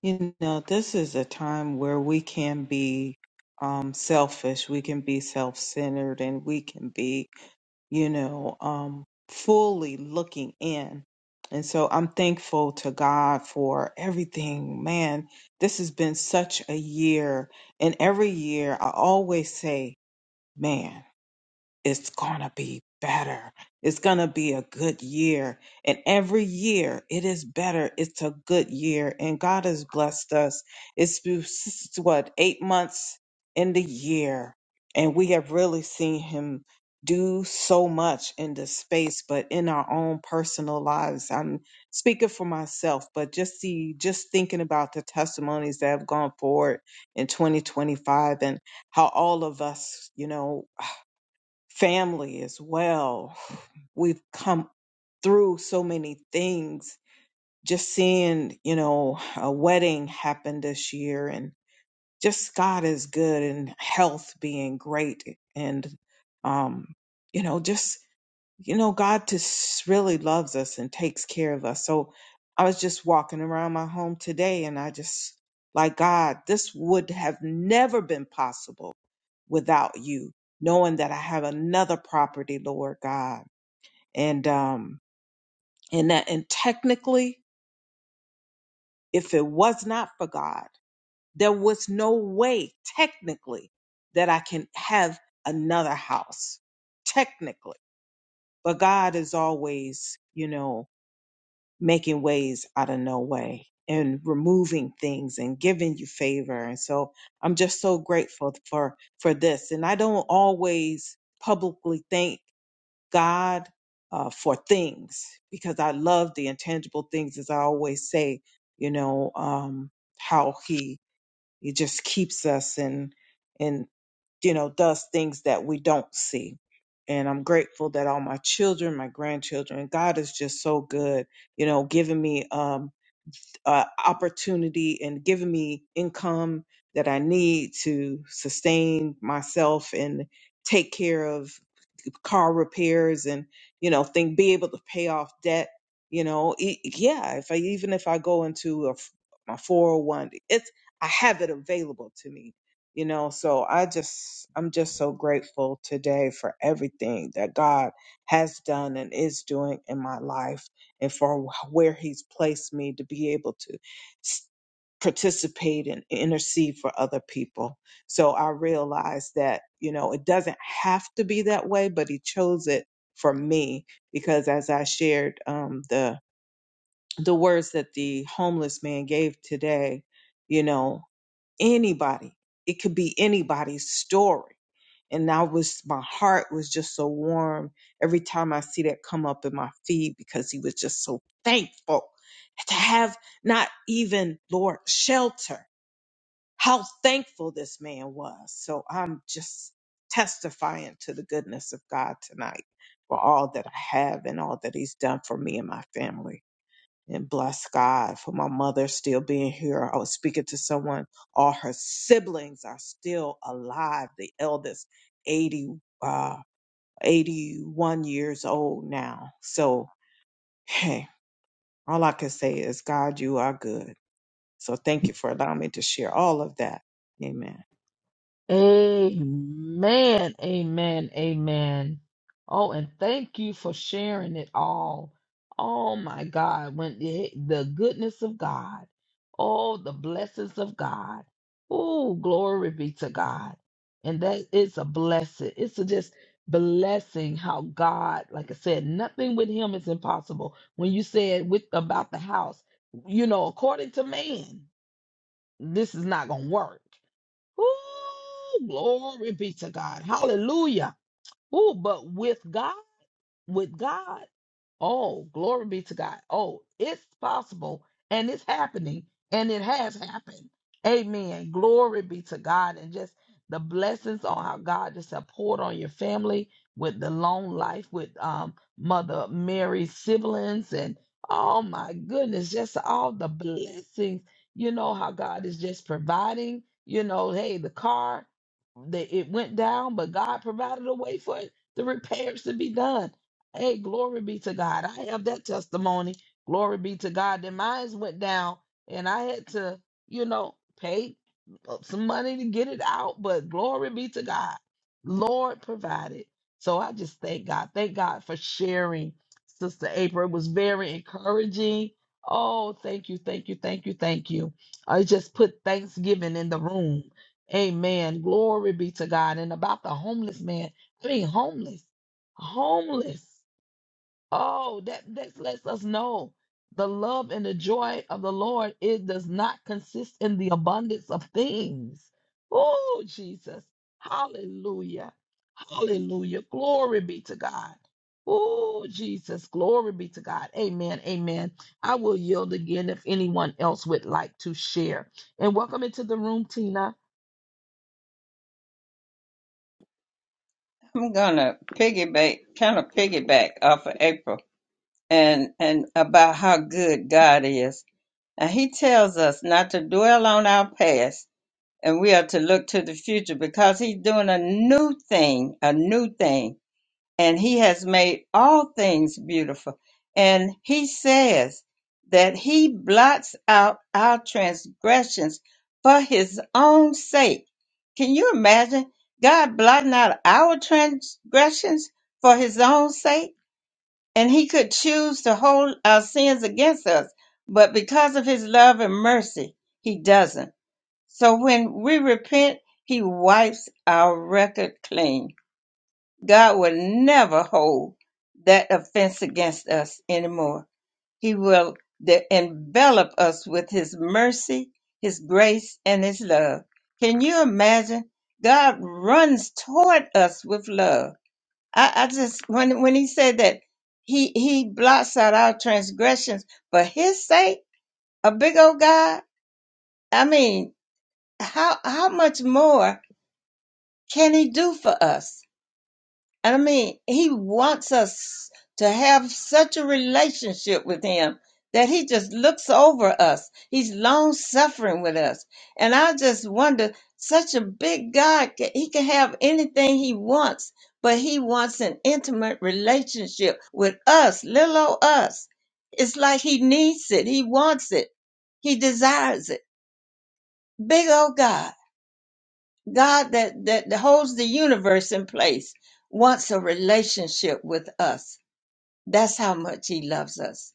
Speaker 5: You know, this is a time where we can be um, selfish, we can be self centered, and we can be, you know, um, fully looking in. And so I'm thankful to God for everything. Man, this has been such a year. And every year I always say, man. it's going to be better. It's going to be a good year. And every year it is better. It's a good year. And God has blessed us. It's been, s- what, eight months in the year. And we have really seen Him do so much in this space, but in our own personal lives. I'm speaking for myself, but just see, just thinking about the testimonies that have gone forward in 2025 and how all of us, you know, family as well. We've come through so many things. Just seeing, you know, a wedding happen this year and just God is good and health being great and um you know just you know God just really loves us and takes care of us. So I was just walking around my home today and I just like God, this would have never been possible without you, knowing that I have another property, Lord God. And um and that and technically, if it was not for God, there was no way technically that I can have another house. Technically. But God is always, you know, making ways out of no way and removing things and giving you favor. And so I'm just so grateful for for this. And I don't always publicly thank God uh, for things because I love the intangible things, as I always say, you know, um, how He He just keeps us and and you know does things that we don't see. And I'm grateful that all my children, my grandchildren, God is just so good, you know, giving me um, uh, opportunity and giving me income that I need to sustain myself and take care of car repairs and you know think be able to pay off debt you know E- yeah if i even if i go into a f my 401 it's i have it available to me you know so i just i'm just so grateful today for everything that god has done and is doing in my life and for wh- where he's placed me to be able to s- participate and intercede for other people so I realized that, you know, it doesn't have to be that way, but he chose it for me because as I shared um, the the words that the homeless man gave today, you know, anybody, it could be anybody's story. And I was my heart was just so warm every time I see that come up in my feed because he was just so thankful to have not even Lord shelter how thankful this man was. So I'm just testifying to the goodness of God tonight for all that I have and all that he's done for me and my family. And bless God for my mother still being here. I was speaking to someone, all her siblings are still alive. The eldest, 80, uh, 81 years old now. So, hey, all I can say is, God, you are good. So thank you for allowing me to share all of that. Amen.
Speaker 1: Amen. Amen. Amen. Oh, and thank you for sharing it all. Oh my God, when the, the goodness of God, oh the blessings of God. Oh, glory be to God. And that is a blessing. It's a just blessing how God, like I said, nothing with him is impossible. When you said with about the house, you know, according to man, this is not gonna work. Ooh, glory be to God. Hallelujah. Ooh, but with God with God. Oh, glory be to God. Oh, it's possible and it's happening and it has happened. Amen. Glory be to God. And just the blessings on how God just have poured on your family with the long life with um, Mother Mary's siblings. And oh my goodness, just all the blessings. You know how God is just providing. You know, hey, the car, the, it went down, but God provided a way for it, the repairs to be done Hey, glory be to God. I have that testimony. Glory be to God. Then mine went down and I had to, you know, pay some money to get it out, but glory be to God. Lord provided. So I just thank God. Thank God for sharing, Sister April. It was very encouraging. Oh, thank you, thank you, thank you, thank you. I just put Thanksgiving in the room. Amen. Glory be to God. And about the homeless man, I mean, homeless, homeless. Oh, that, that lets us know the love and the joy of the Lord, it does not consist in the abundance of things. Oh, Jesus. Hallelujah. Hallelujah. Glory be to God. Oh, Jesus. Glory be to God. Amen. Amen. I will yield again if anyone else would like to share. And welcome into the room, Tina.
Speaker 4: I'm gonna piggyback, kind of piggyback off of April and and about how good God is. And He tells us not to dwell on our past, and we are to look to the future because He's doing a new thing, a new thing and he has made all things beautiful. And he says that he blots out our transgressions for his own sake. Can you imagine God blotting out our transgressions for his own sake? And he could choose to hold our sins against us, but because of his love and mercy, he doesn't. So when we repent, he wipes our record clean God will never hold that offense against us anymore. He will de- envelop us with His mercy, His grace, and His love. Can you imagine? God runs toward us with love. I, I just when when He said that He He blots out our transgressions for His sake, a big old God. I mean, how how much more can He do for us? I mean, he wants us to have such a relationship with him that he just looks over us. He's long suffering with us. And I just wonder such a big God, ca- he can have anything he wants, but he wants an intimate relationship with us, little old us. It's like he needs it, he wants it, he desires it. Big old God. God that, that holds the universe in place wants a relationship with us. That's how much He loves us.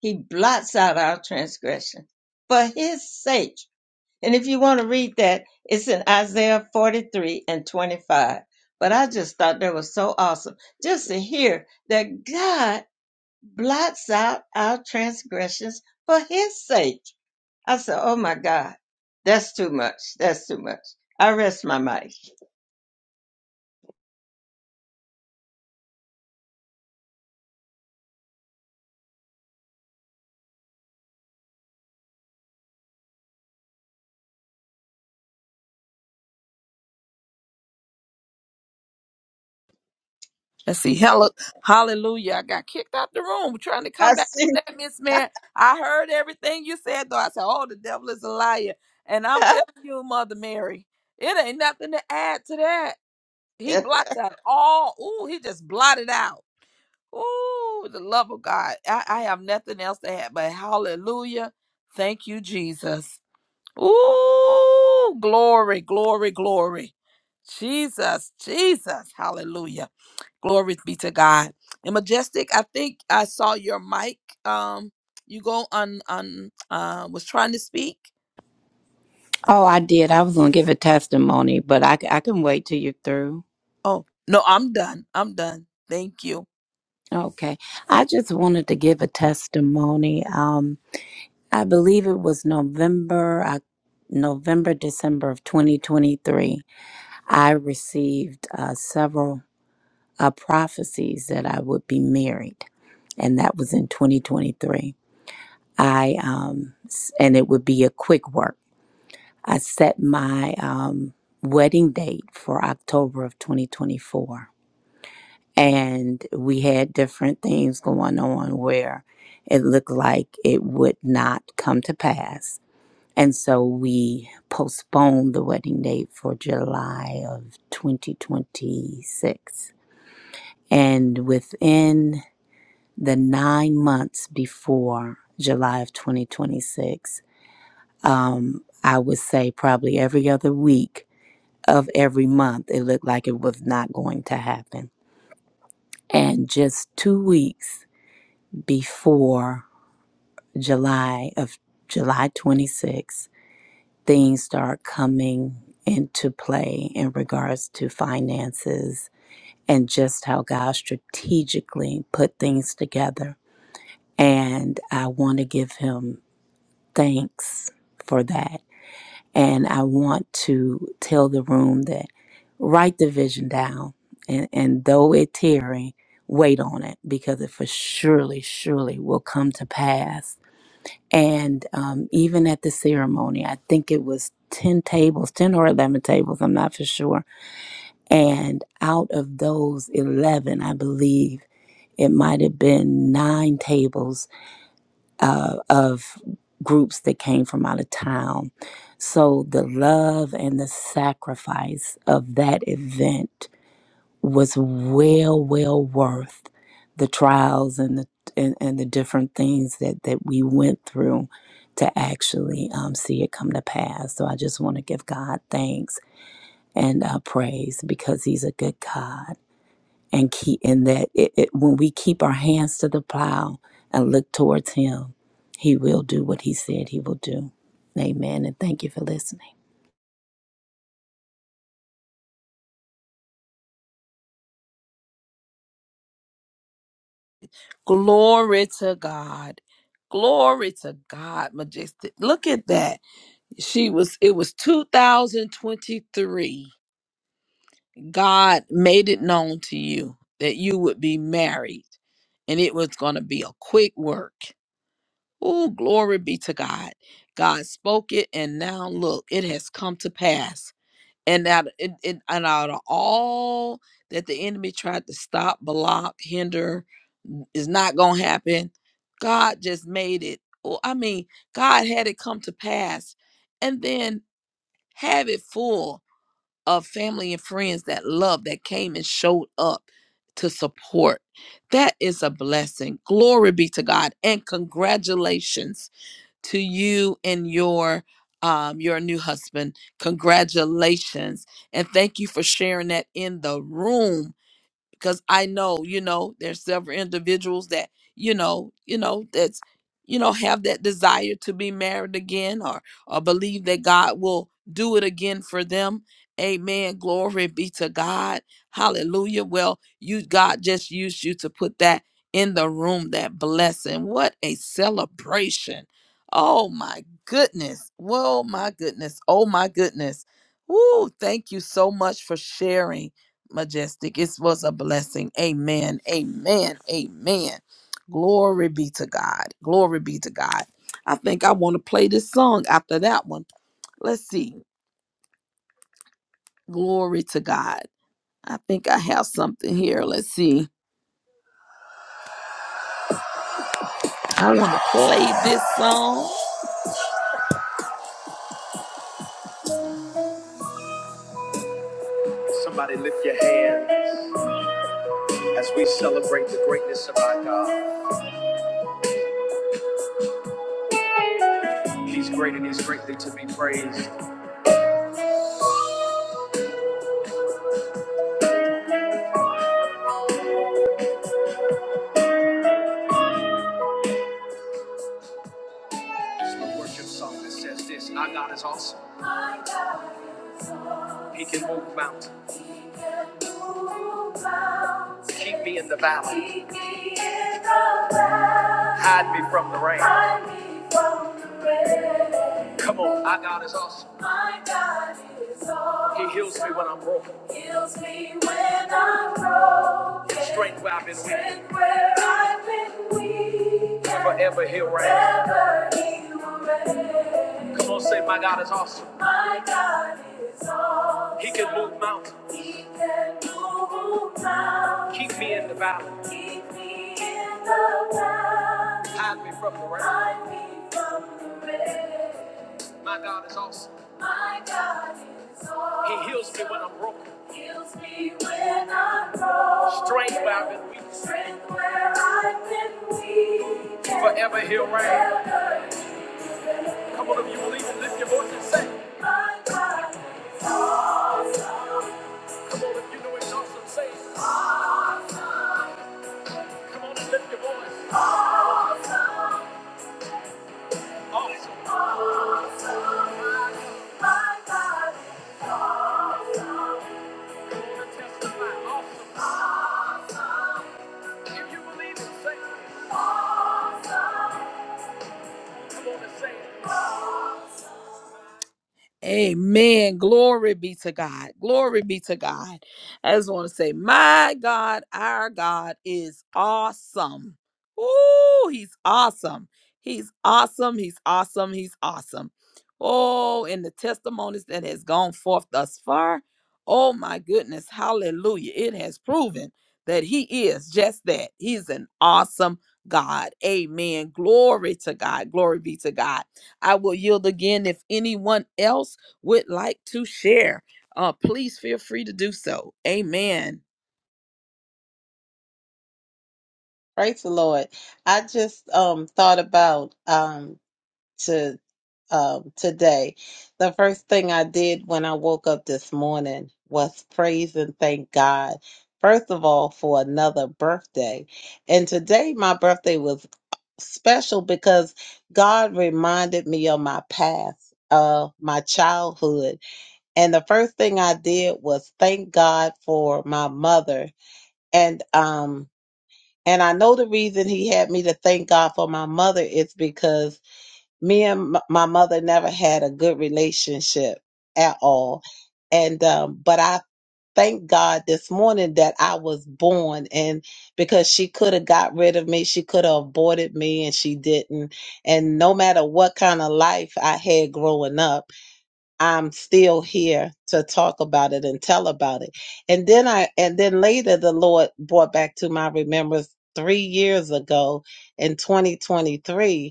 Speaker 4: He blots out our transgression for His sake. And if you want to read that, it's in Isaiah 43 and 25. But I just thought that was so awesome just to hear that God blots out our transgressions for His sake. I said, oh my God, that's too much. That's too much. I rest my mic.
Speaker 1: Let's see. Hello, hallelujah. I got kicked out the room trying to
Speaker 4: I
Speaker 1: come back
Speaker 4: see.
Speaker 1: from that Miss Man. I heard everything you said, though. I said, Oh, the devil is a liar. And I'm telling you, Mother Mary, it ain't nothing to add to that. He blocked out all. Ooh, he just blotted out. Ooh, the love of God. I, I have nothing else to add, but hallelujah. Thank you, Jesus. Ooh, glory, glory, glory. Jesus, Jesus. Hallelujah. Glory be to God. And Majestic, I think I saw your mic. Um, you go on on uh was trying to speak.
Speaker 6: Oh, I did. I was going to give a testimony, but I, I can wait till you're through.
Speaker 1: Oh, no, I'm done. I'm done. Thank you.
Speaker 6: Okay. I just wanted to give a testimony. Um, I believe it was November, I, November, December of 2023. I received uh, several uh, prophecies that I would be married, and that was in 2023. I um, s- and it would be a quick work. I set my um, wedding date for October of 2024 and we had different things going on where it looked like it would not come to pass. And so we postponed the wedding date for July of 2026. And within the nine months before July of 2026, um, I would say probably every other week of every month, it looked like it was not going to happen. And just two weeks before July of July 26, things start coming into play in regards to finances and just how God strategically put things together. And I want to give him thanks for that. And I want to tell the room that write the vision down and, and though it tarry, wait on it because it for surely, surely will come to pass And um, even at the ceremony, I think it was 10 tables, 10 or 11 tables, I'm not for sure. And out of those 11, I believe it might have been nine tables uh, of groups that came from out of town. So the love and the sacrifice of that event was well, well worth the trials and the and, and the different things that that we went through to actually um, see it come to pass. So I just want to give God thanks and uh, praise because He's a good God, and keep in that it, it, when we keep our hands to the plow and look towards Him, He will do what He said He will do. Amen. And thank you for listening.
Speaker 1: Glory to God. Glory to God, Majestic. Look at that. She was it was 2023. God made it known to you that you would be married and it was going to be a quick work. Oh, glory be to God. God spoke it, and now look, it has come to pass. And out, it, it, and out of all that the enemy tried to stop, block, hinder, is not going to happen, God just made it. Oh, I mean, God had it come to pass and then have it full of family and friends that love that came and showed up to support. That is a blessing. Glory be to God. And congratulations to you and your um your new husband congratulations and thank you for sharing that in the room because I know, you know, there's several individuals that, you know, you know, that's, you know, have that desire to be married again or or believe that God will do it again for them. Amen. Glory be to God. Hallelujah. Well, you God just used you to put that in the room, that blessing. What a celebration. Oh my goodness. Whoa, my goodness. Oh my goodness. Woo, thank you so much for sharing. Majestic. It was a blessing. Amen. Amen. Amen. Glory be to God. Glory be to God. I think I want to play this song after that one. Let's see. Glory to God. I think I have something here. Let's see. I want to play this song. Somebody lift your hands as we celebrate the greatness of our God. He's great and he's greatly to be praised. Slow worship song that says this Our God is awesome. My God is awesome. He can move mountains. He can move mountains. Keep me in the valley. Keep me in the valley. Hide me from the rain. Hide me from the rain. Come on, our God is awesome. My God is awesome. He heals me when I'm broken. Heals me when I'm broken. Strength where I've been weak. Strength where I've been weak. Forever he'll Forever he will reign. Come on, say, my God is awesome. My God is awesome. He can move mountains. He can move mountains. Keep me in the valley. Keep me in the valley. Hide me from the rain. Hide me from the rain. My God is awesome. My God is awesome. He heals me when I'm broken. Heals me when I'm broken. Strength where I've been weak. Strength where I've been weak. Forever he'll reign. Forever He is. Come on, if you believe it, lift your voice and say. My God is awesome. Come on, if you know it's awesome, say. it. Come on and lift your voice. Awesome. My God Come on and testify. Awesome. If you believe it, say. it. Come on and say it. Amen. Glory be to God. Glory be to God. I just want to say, my God, our God is awesome. Ooh, he's awesome. He's awesome. He's awesome. He's awesome. Oh, and the testimonies that has gone forth thus far. Oh my goodness. Hallelujah. It has proven that he is just that. He's an awesome God. Amen. Glory to God. Glory be to God. I will yield again if anyone else would like to share. Uh, please feel free to do so. Amen.
Speaker 2: Praise the Lord. I just um thought about um to. um, today. The first thing I did when I woke up this morning was praise and thank God, first of all, for another birthday. And today, my birthday was special because God reminded me of my past, of my childhood. And the first thing I did was thank God for my mother. And, um, and I know the reason he had me to thank God for my mother is because me and m- my mother never had a good relationship at all and um but i thank god this morning that i was born and because she could have got rid of me she could have aborted me and she didn't and no matter what kind of life i had growing up i'm still here to talk about it and tell about it and then i and then later the lord brought back to my remembrance three years ago in 2023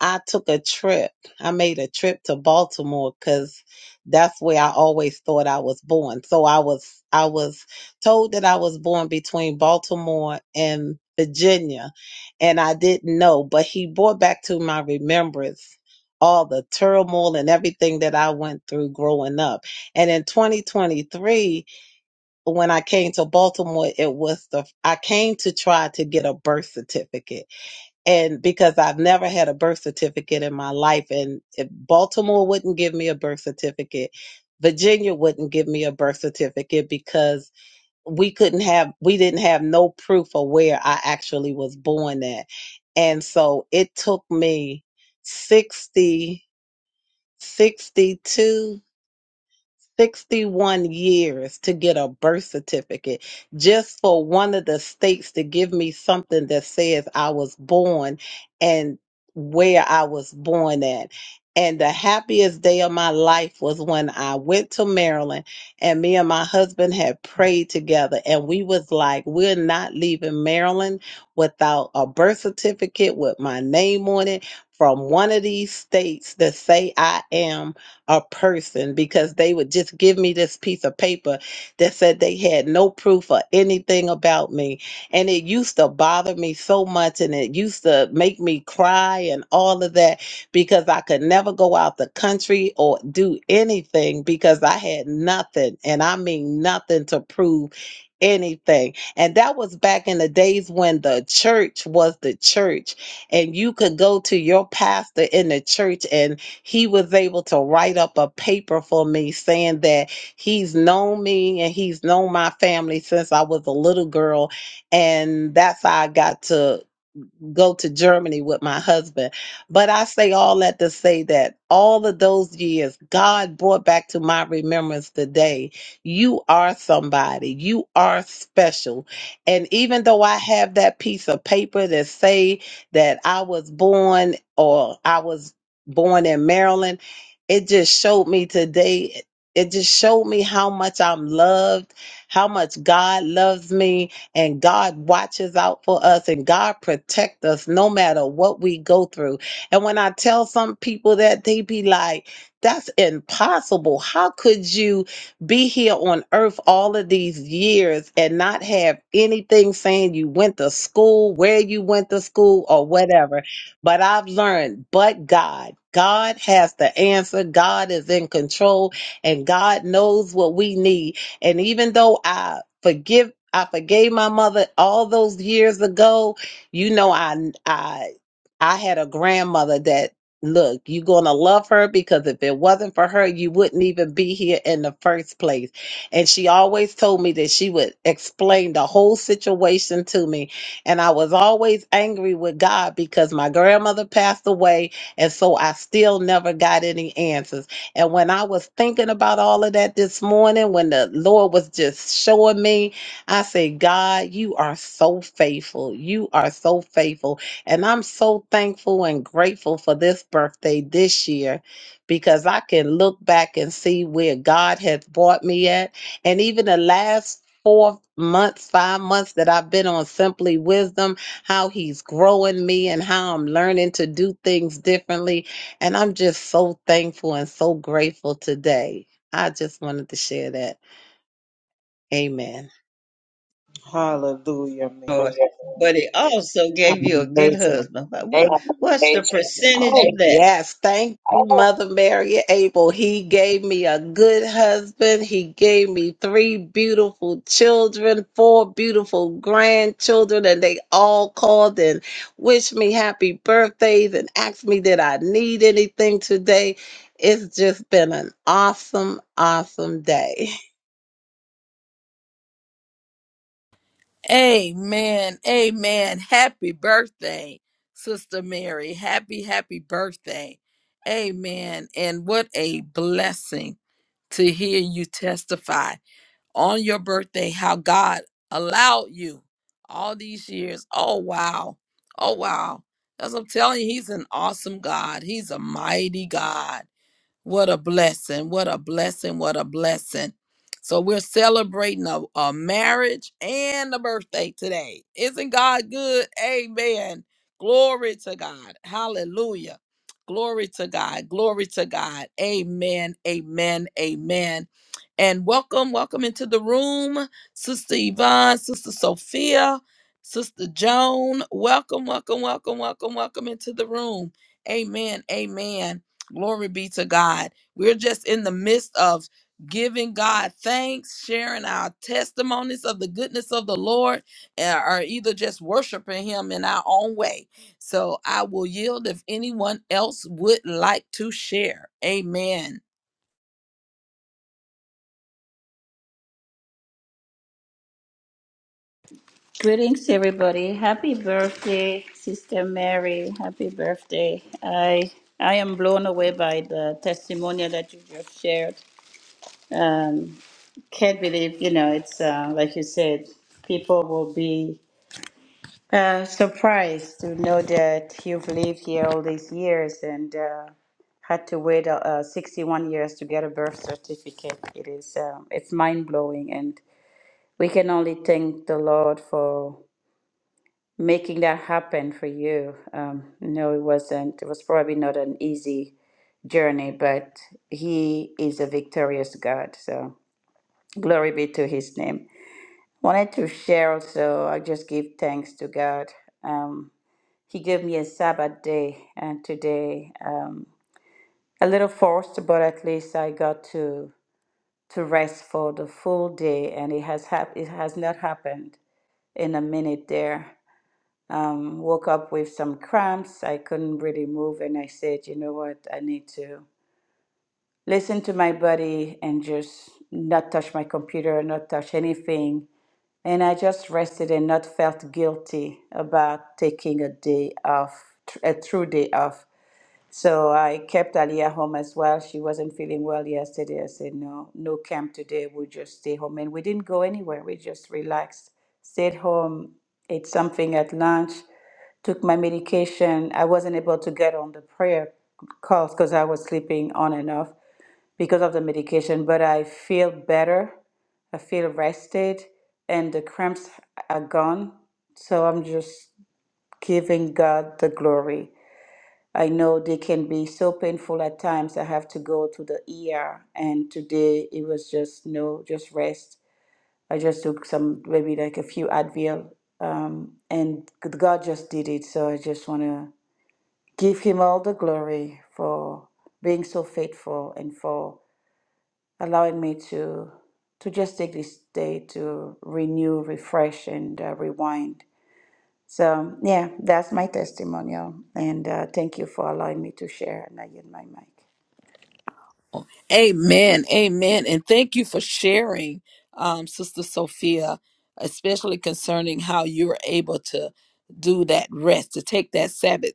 Speaker 2: I took a trip. I made a trip to Baltimore because that's where I always thought I was born. So I was I was told that I was born between Baltimore and Virginia, and I didn't know. But he brought back to my remembrance all the turmoil and everything that I went through growing up. And in 2023, when I came to Baltimore, it was the I came to try to get a birth certificate and because I've never had a birth certificate in my life, and if Baltimore wouldn't give me a birth certificate, Virginia wouldn't give me a birth certificate because we couldn't have, we didn't have no proof of where I actually was born at. And so it took me 60 62. 61 years to get a birth certificate just for one of the states to give me something that says I was born and where I was born at. And the happiest day of my life was when I went to Maryland and me and my husband had prayed together and we was like, we're not leaving Maryland without a birth certificate with my name on it from one of these states that say I am a person because they would just give me this piece of paper that said they had no proof or anything about me. And it used to bother me so much and it used to make me cry and all of that because I could never go out the country or do anything because I had nothing. And I mean nothing to prove anything. And that was back in the days when the church was the church and you could go to your pastor in the church and he was able to write up a paper for me saying that he's known me and he's known my family since I was a little girl. And that's how I got to go to Germany with my husband. But I say all that to say that all of those years, God brought back to my remembrance today. You are somebody. You are special. And even though I have that piece of paper that say that I was born or I was born in Maryland, it just showed me today. It just showed me how much I'm loved, how much God loves me, and God watches out for us and God protect us no matter what we go through. And when I tell some people that they be like, that's impossible. How could you be here on earth all of these years and not have anything saying you went to school, where you went to school, or whatever? But I've learned, but God, God has the answer. God is in control and God knows what we need. And even though I forgive I forgave my mother all those years ago. You know I I I had a grandmother that look, you're going to love her because if it wasn't for her, you wouldn't even be here in the first place. And she always told me that she would explain the whole situation to me, and I was always angry with God because my grandmother passed away and so I still never got any answers. And when I was thinking about all of that this morning, when the Lord was just showing me, I said, God, you are so faithful. You are so faithful. And I'm so thankful and grateful for this birthday this year because I can look back and see where God has brought me at. And even the last four months, five months that I've been on Simply Wisdom, how He's growing me and how I'm learning to do things differently and I'm just so thankful and so grateful today. I just wanted to share that. Amen.
Speaker 5: Hallelujah,
Speaker 4: Lord.
Speaker 5: Mary.
Speaker 4: But he also gave you a good
Speaker 7: Amazing.
Speaker 4: husband. What, what what's the percentage
Speaker 2: Oh,
Speaker 4: of that?
Speaker 2: yes. Thank you, Mother Mary Abel. He gave me a good husband. He gave me three beautiful children, four beautiful grandchildren, and they all called and wished me happy birthdays and asked me, did I need anything today? It's just been an awesome, awesome day.
Speaker 1: Amen. Amen. Happy birthday, Sister Mary. Happy, happy birthday. Amen. And what a blessing to hear you testify on your birthday how God allowed you all these years. Oh, wow. Oh, wow. As I'm telling you, He's an awesome God, He's a mighty God. What a blessing. What a blessing. What a blessing. So we're celebrating a, a marriage and a birthday today. Isn't God good? Amen. Glory to God. Hallelujah. Glory to God. Glory to God. Amen. Amen. Amen. And welcome, welcome into the room, Sister Yvonne, Sister Sophia, Sister Joan. Welcome, welcome, welcome, welcome, welcome into the room. Amen. Amen. Glory be to God. We're just in the midst of giving God thanks, sharing our testimonies of the goodness of the Lord, and- or either just worshiping Him in our own way. So I will yield if anyone else would like to share. Amen.
Speaker 8: Greetings, everybody. Happy birthday, Sister Mary. Happy birthday. I I am blown away by the testimonial that you just shared. Um, can't believe, you know, it's uh, like you said, people will be uh, surprised to know that you've lived here all these years and uh, had to wait uh, uh, 61 years to get a birth certificate. It is um, it's mind blowing, and we can only thank the Lord for. making that happen for you. Um, no, it wasn't. It was probably not an easy journey, but He is a victorious God. So glory be to His name. Wanted to share also, I just give thanks to God. Um, he gave me a Sabbath day, and today, um, a little forced, but at least I got to to rest for the full day, and it has hap- it has not happened in a minute there. Um, woke up with some cramps. I couldn't really move, and I said, you know what? I need to listen to my body and just not touch my computer, not touch anything. And I just rested and not felt guilty about taking a day off, tr- a true day off. So I kept Aliyah home as well. She wasn't feeling well yesterday. I said, no, no camp today. We'll just stay home. And we didn't go anywhere. We just relaxed, stayed home, ate something at lunch, took my medication. I wasn't able to get on the prayer calls because I was sleeping on and off because of the medication, but I feel better. I feel rested and the cramps are gone. So I'm just giving God the glory. I know they can be so painful at times. I have to go to the ER, and today it was just no, just rest. I just took some, maybe like a few Advil, um, and God just did it. So I just want to give Him all the glory for being so faithful and for allowing me to to just take this day to renew, refresh, and uh, rewind. So yeah, that's my testimonial, and uh, thank you for allowing me to share. And I yield my mic.
Speaker 1: Amen. Amen. And thank you for sharing, um, Sister Sophia, especially concerning how you were able to do that rest, to take that Sabbath.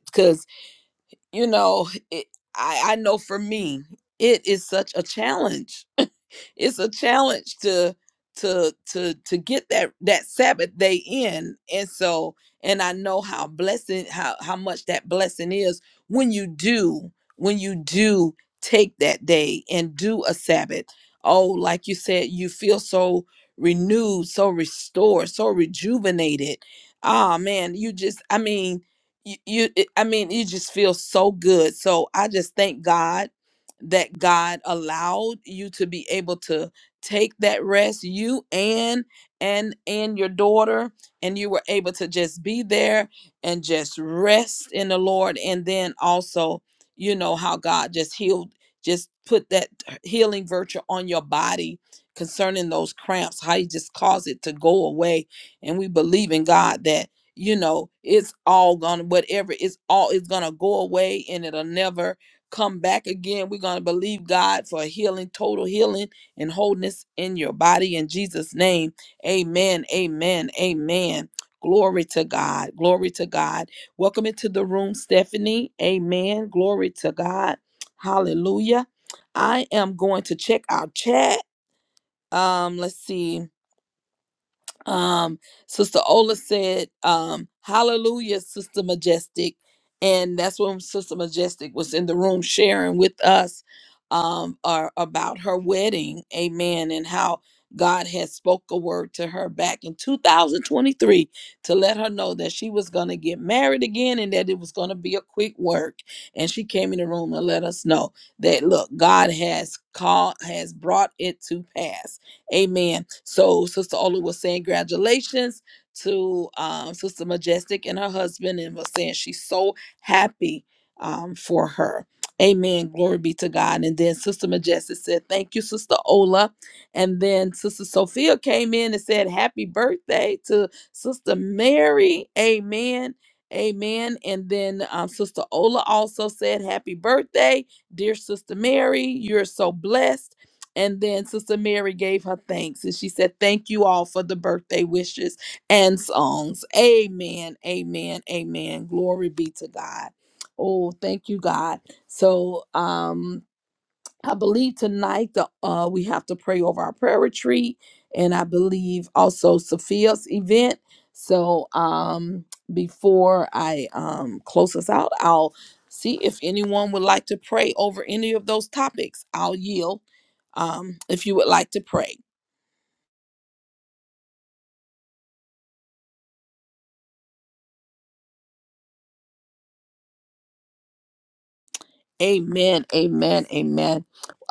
Speaker 1: you know, it, I, I know for me, it is such a challenge. it's a challenge to to to to get that that Sabbath day in, and so and I know how blessing how how much that blessing is when you do when you do take that day and do a Sabbath. Oh, like you said, you feel so renewed, so restored, so rejuvenated. Ah man, you just I mean you, you it- i mean you just feel so good so i just thank god that god allowed you to be able to take that rest you and and and your daughter and you were able to just be there and just rest in the lord and then also you know how god just healed just put that healing virtue on your body concerning those cramps how he just caused it to go away and we believe in god that you know it's all gonna whatever it's all it's gonna go away and it'll never come back again we're gonna believe god for healing total healing and wholeness in your body in jesus name amen amen amen glory to god glory to god welcome into the room stephanie amen glory to god hallelujah i am going to check our chat um let's see um, Sister Ola said, um, Hallelujah, Sister Majestic. And that's when Sister Majestic was in the room sharing with us um, our, about her wedding. Amen. And how God had spoke a word to her back in 2023 to let her know that she was going to get married again and that it was going to be a quick work. And she came in the room and let us know that, look, God has called, has brought it to pass. Amen. So Sister Ola was saying congratulations to um, Sister Majestic and her husband and was saying she's so happy um, for her. Amen. Glory be to God. And then Sister Majestic said, Thank you, Sister Ola. And then Sister Sophia came in and said, Happy birthday to Sister Mary. Amen. Amen. And then um, Sister Ola also said, Happy birthday, dear Sister Mary. You're so blessed and then Sister Mary gave her thanks and she said, Thank you all for the birthday wishes and songs. Amen. Amen. Amen. Glory be to God. Oh, thank you, God. So um I believe tonight the uh we have to pray over our prayer retreat and I believe also Sophia's event. So um before I um close us out, I'll see if anyone would like to pray over any of those topics. I'll yield um if you would like to pray. Amen. Amen. Amen.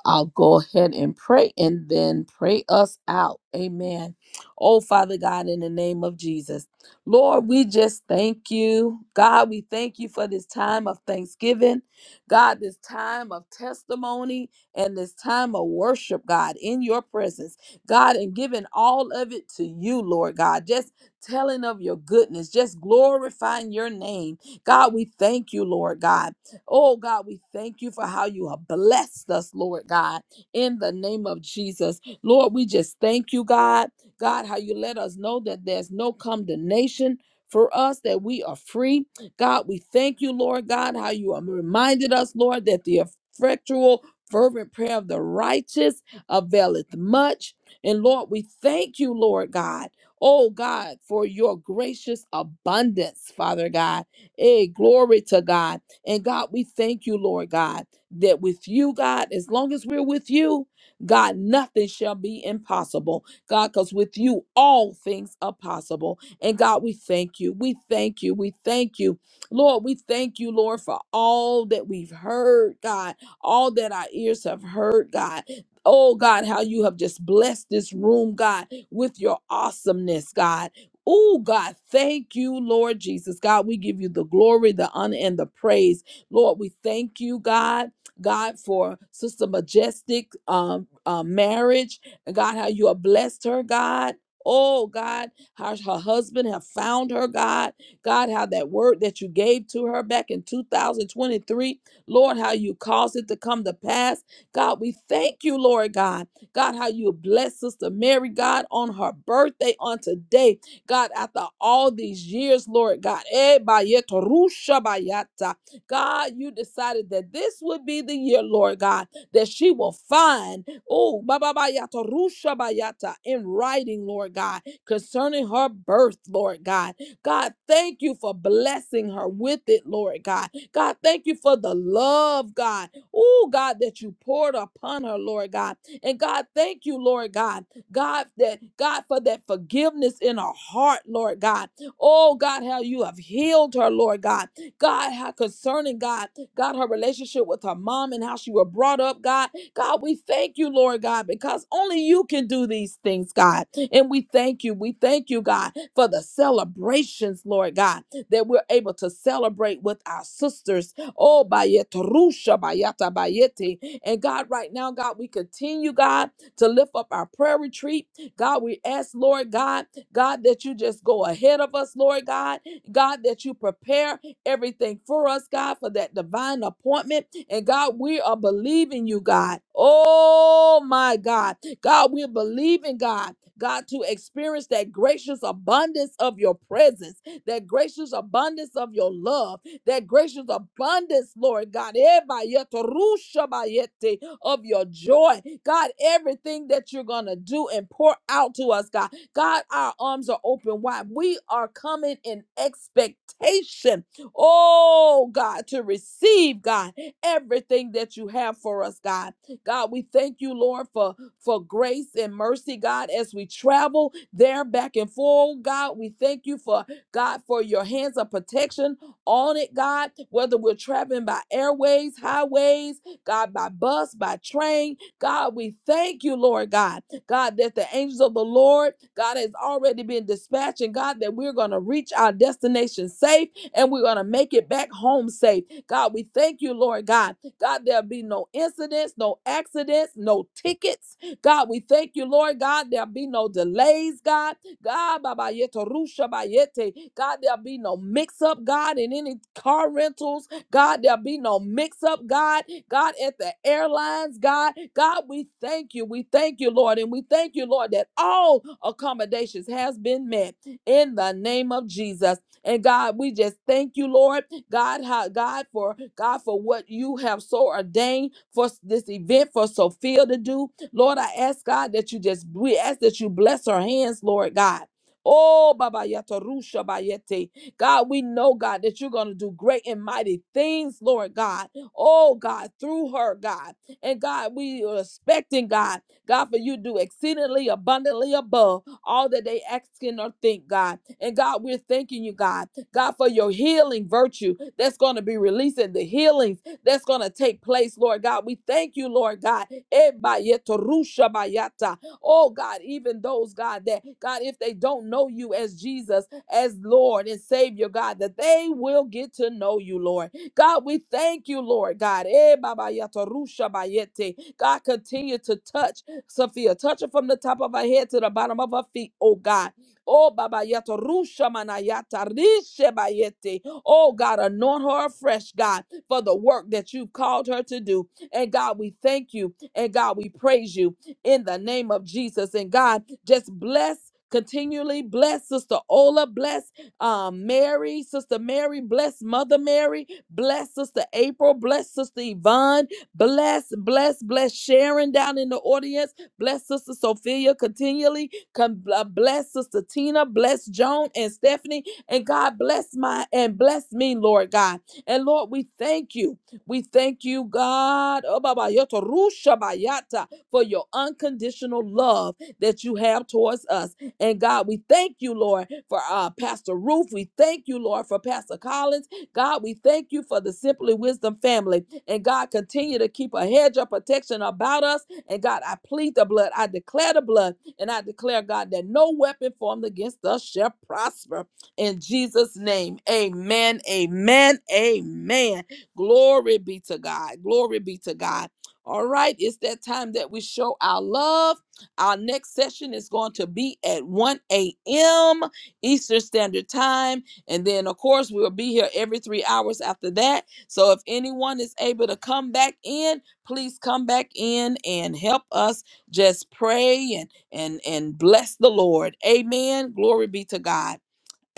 Speaker 1: I'll go ahead and pray and then pray us out. Amen. Oh, Father God, in the name of Jesus. Lord, we just thank you. God, we thank you for this time of thanksgiving. God, this time of testimony and this time of worship, God, in your presence. God, and giving all of it to you, Lord God. Just telling of your goodness, just glorifying your name. God, we thank you, Lord God. Oh God, we thank you for how you have blessed us, Lord God, in the name of Jesus. Lord, we just thank you, God. God, how you let us know that there's no condemnation for us, that we are free. God, we thank you, Lord God, how you have reminded us, Lord, that the effectual, fervent prayer of the righteous availeth much. And Lord, we thank you, Lord God. Oh God, for your gracious abundance, Father God. Hey, glory to God. And God, we thank you, Lord God, that with you, God, as long as we're with you, God, nothing shall be impossible. God, because with you, all things are possible. And God, we thank you. We thank you. We thank you. Lord, we thank you, Lord, for all that we've heard, God, all that our ears have heard, God. Oh, God, how you have just blessed this room, God, with your awesomeness, God. Oh, God, thank you, Lord Jesus. God, we give you the glory, the honor, and the praise. Lord, we thank you, God. God, for Sister Majestic um, uh, marriage. And God, how you have blessed her, God. Oh, God, how her husband have found her, God. God, how that word that you gave to her back in 2023, Lord, how you caused it to come to pass. God, we thank you, Lord God. God, how you bless Sister Mary, God, on her birthday on today. God, after all these years, Lord God, eh, bayeto rusha bayata. God, you decided that this would be the year, Lord God, that she will find, oh, baba bayato rusha bayata in writing, Lord God, concerning her birth, Lord God. God, thank you for blessing her with it, Lord God. God, thank you for the love, God, oh, God, that you poured upon her, Lord God. And God, thank you, Lord God, God, that God, for that forgiveness in her heart, Lord God. Oh God, how you have healed her, Lord God. God, how concerning God, God, her relationship with her mom and how she was brought up, God. God, we thank you, Lord God, because only you can do these things, God. And we thank you. We thank you, God, for the celebrations, Lord God, that we're able to celebrate with our sisters. Oh, Bayetarusha, Bayata, Bayete. And God, right now, God, we continue, God to lift up our prayer retreat. God, we ask, Lord God, God, that you just go ahead of us, Lord God. God, that you prepare everything for us, God, for that divine appointment. And God, we are believing you, God. Oh my God. God, we're believing, God, God, to experience that gracious abundance of your presence, that gracious abundance of your love, that gracious abundance, Lord God. Eh, bayete, rusha bayete of your joy. God, everything that you're going to do and pour out to us, God. God, our arms are open wide. We are coming in expectation, oh God, to receive, God, everything that you have for us, God. God, we thank you, Lord, for, for grace and mercy, God, as we travel there back and forth, God. We thank you for, God, for your hands of protection on it, God, whether we're traveling by airways, highways, God, by bus, by train. God, we thank you, Lord God. God, that the angels of the Lord, God, has already been dispatched. And God, that we're going to reach our destination safe and we're going to make it back home safe. God, we thank you, Lord God. God, there'll be no incidents, no accidents, no tickets. God, we thank you, Lord God. There'll be no delays, God. God, Baba Yeto Rusha Bayete. God, there'll be no mix up, God, in any car rentals. God, there'll be no mix up, God God, at the airlines, God. God, we thank you. We thank you, Lord. And we thank you, Lord, that all accommodations has been met in the name of Jesus. And God, we just thank you, Lord. God, how, God, for God, for what you have so ordained for s- this event for Sophia to do. Lord, I ask God that you just we ask that you bless her hands, Lord God. Oh, Baba Yato Rusha Bayete. God, we know, God, that you're going to do great and mighty things, Lord God oh God, through her, God. And God, we are expecting, God, God, for you to do exceedingly abundantly above all that they asking or think, God. And God, we're thanking you, God, God, for your healing virtue that's going to be releasing the healings that's going to take place, Lord God. We thank you, Lord God. Ebayetorushabayata. Oh, God, even those, God, that, God, if they don't know you as Jesus, as Lord and Savior, God, that they will get to know you, Lord. God, we thank you, Lord God. Eh, Baba Yato Rusha Bayete. God, continue to touch Sophia. Touch her from the top of her head to the bottom of her feet, oh God. Oh, Baba Yato Rusha Manayata Rishe Bayete. Oh, God, anoint her afresh, God, for the work that you called her to do. And God, we thank you. And God, we praise you in the name of Jesus. And God, just bless. Continually bless Sister Ola, bless um, Mary, Sister Mary, bless Mother Mary, bless Sister April, bless Sister Yvonne, bless, bless, bless Sharon down in the audience, bless Sister Sophia continually, Con- uh, bless Sister Tina, bless Joan and Stephanie, and God bless my and bless me, Lord God. And Lord, we thank you. We thank you, God, oh, Baba, yoto, rusha, bayata, for your unconditional love that you have towards us. And God, we thank you, Lord, for uh, Pastor Ruth. We thank you, Lord, for Pastor Collins. God, we thank you for the Simply Wisdom family. And God, continue to keep a hedge of protection about us. And God, I plead the blood. I declare the blood. And I declare, God, that no weapon formed against us shall prosper. In Jesus' name, amen, amen, amen. Glory be to God. Glory be to God. All right, it's that time that we show our love. Our next session is going to be at 1 a.m. Eastern Standard Time. And then, of course, we'll be here every three hours after that. So if anyone is able to come back in, please come back in and help us just pray and and and bless the Lord. Amen. Glory be to God.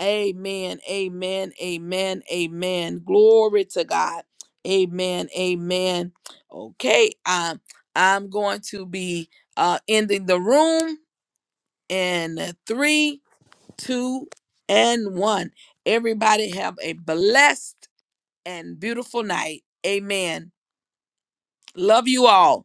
Speaker 1: Amen. Amen. Amen. Amen. Glory to God. Amen. Amen. Okay. Um, I'm going to be uh ending the room in three, two, and one. Everybody have a blessed and beautiful night. Amen. Love you all.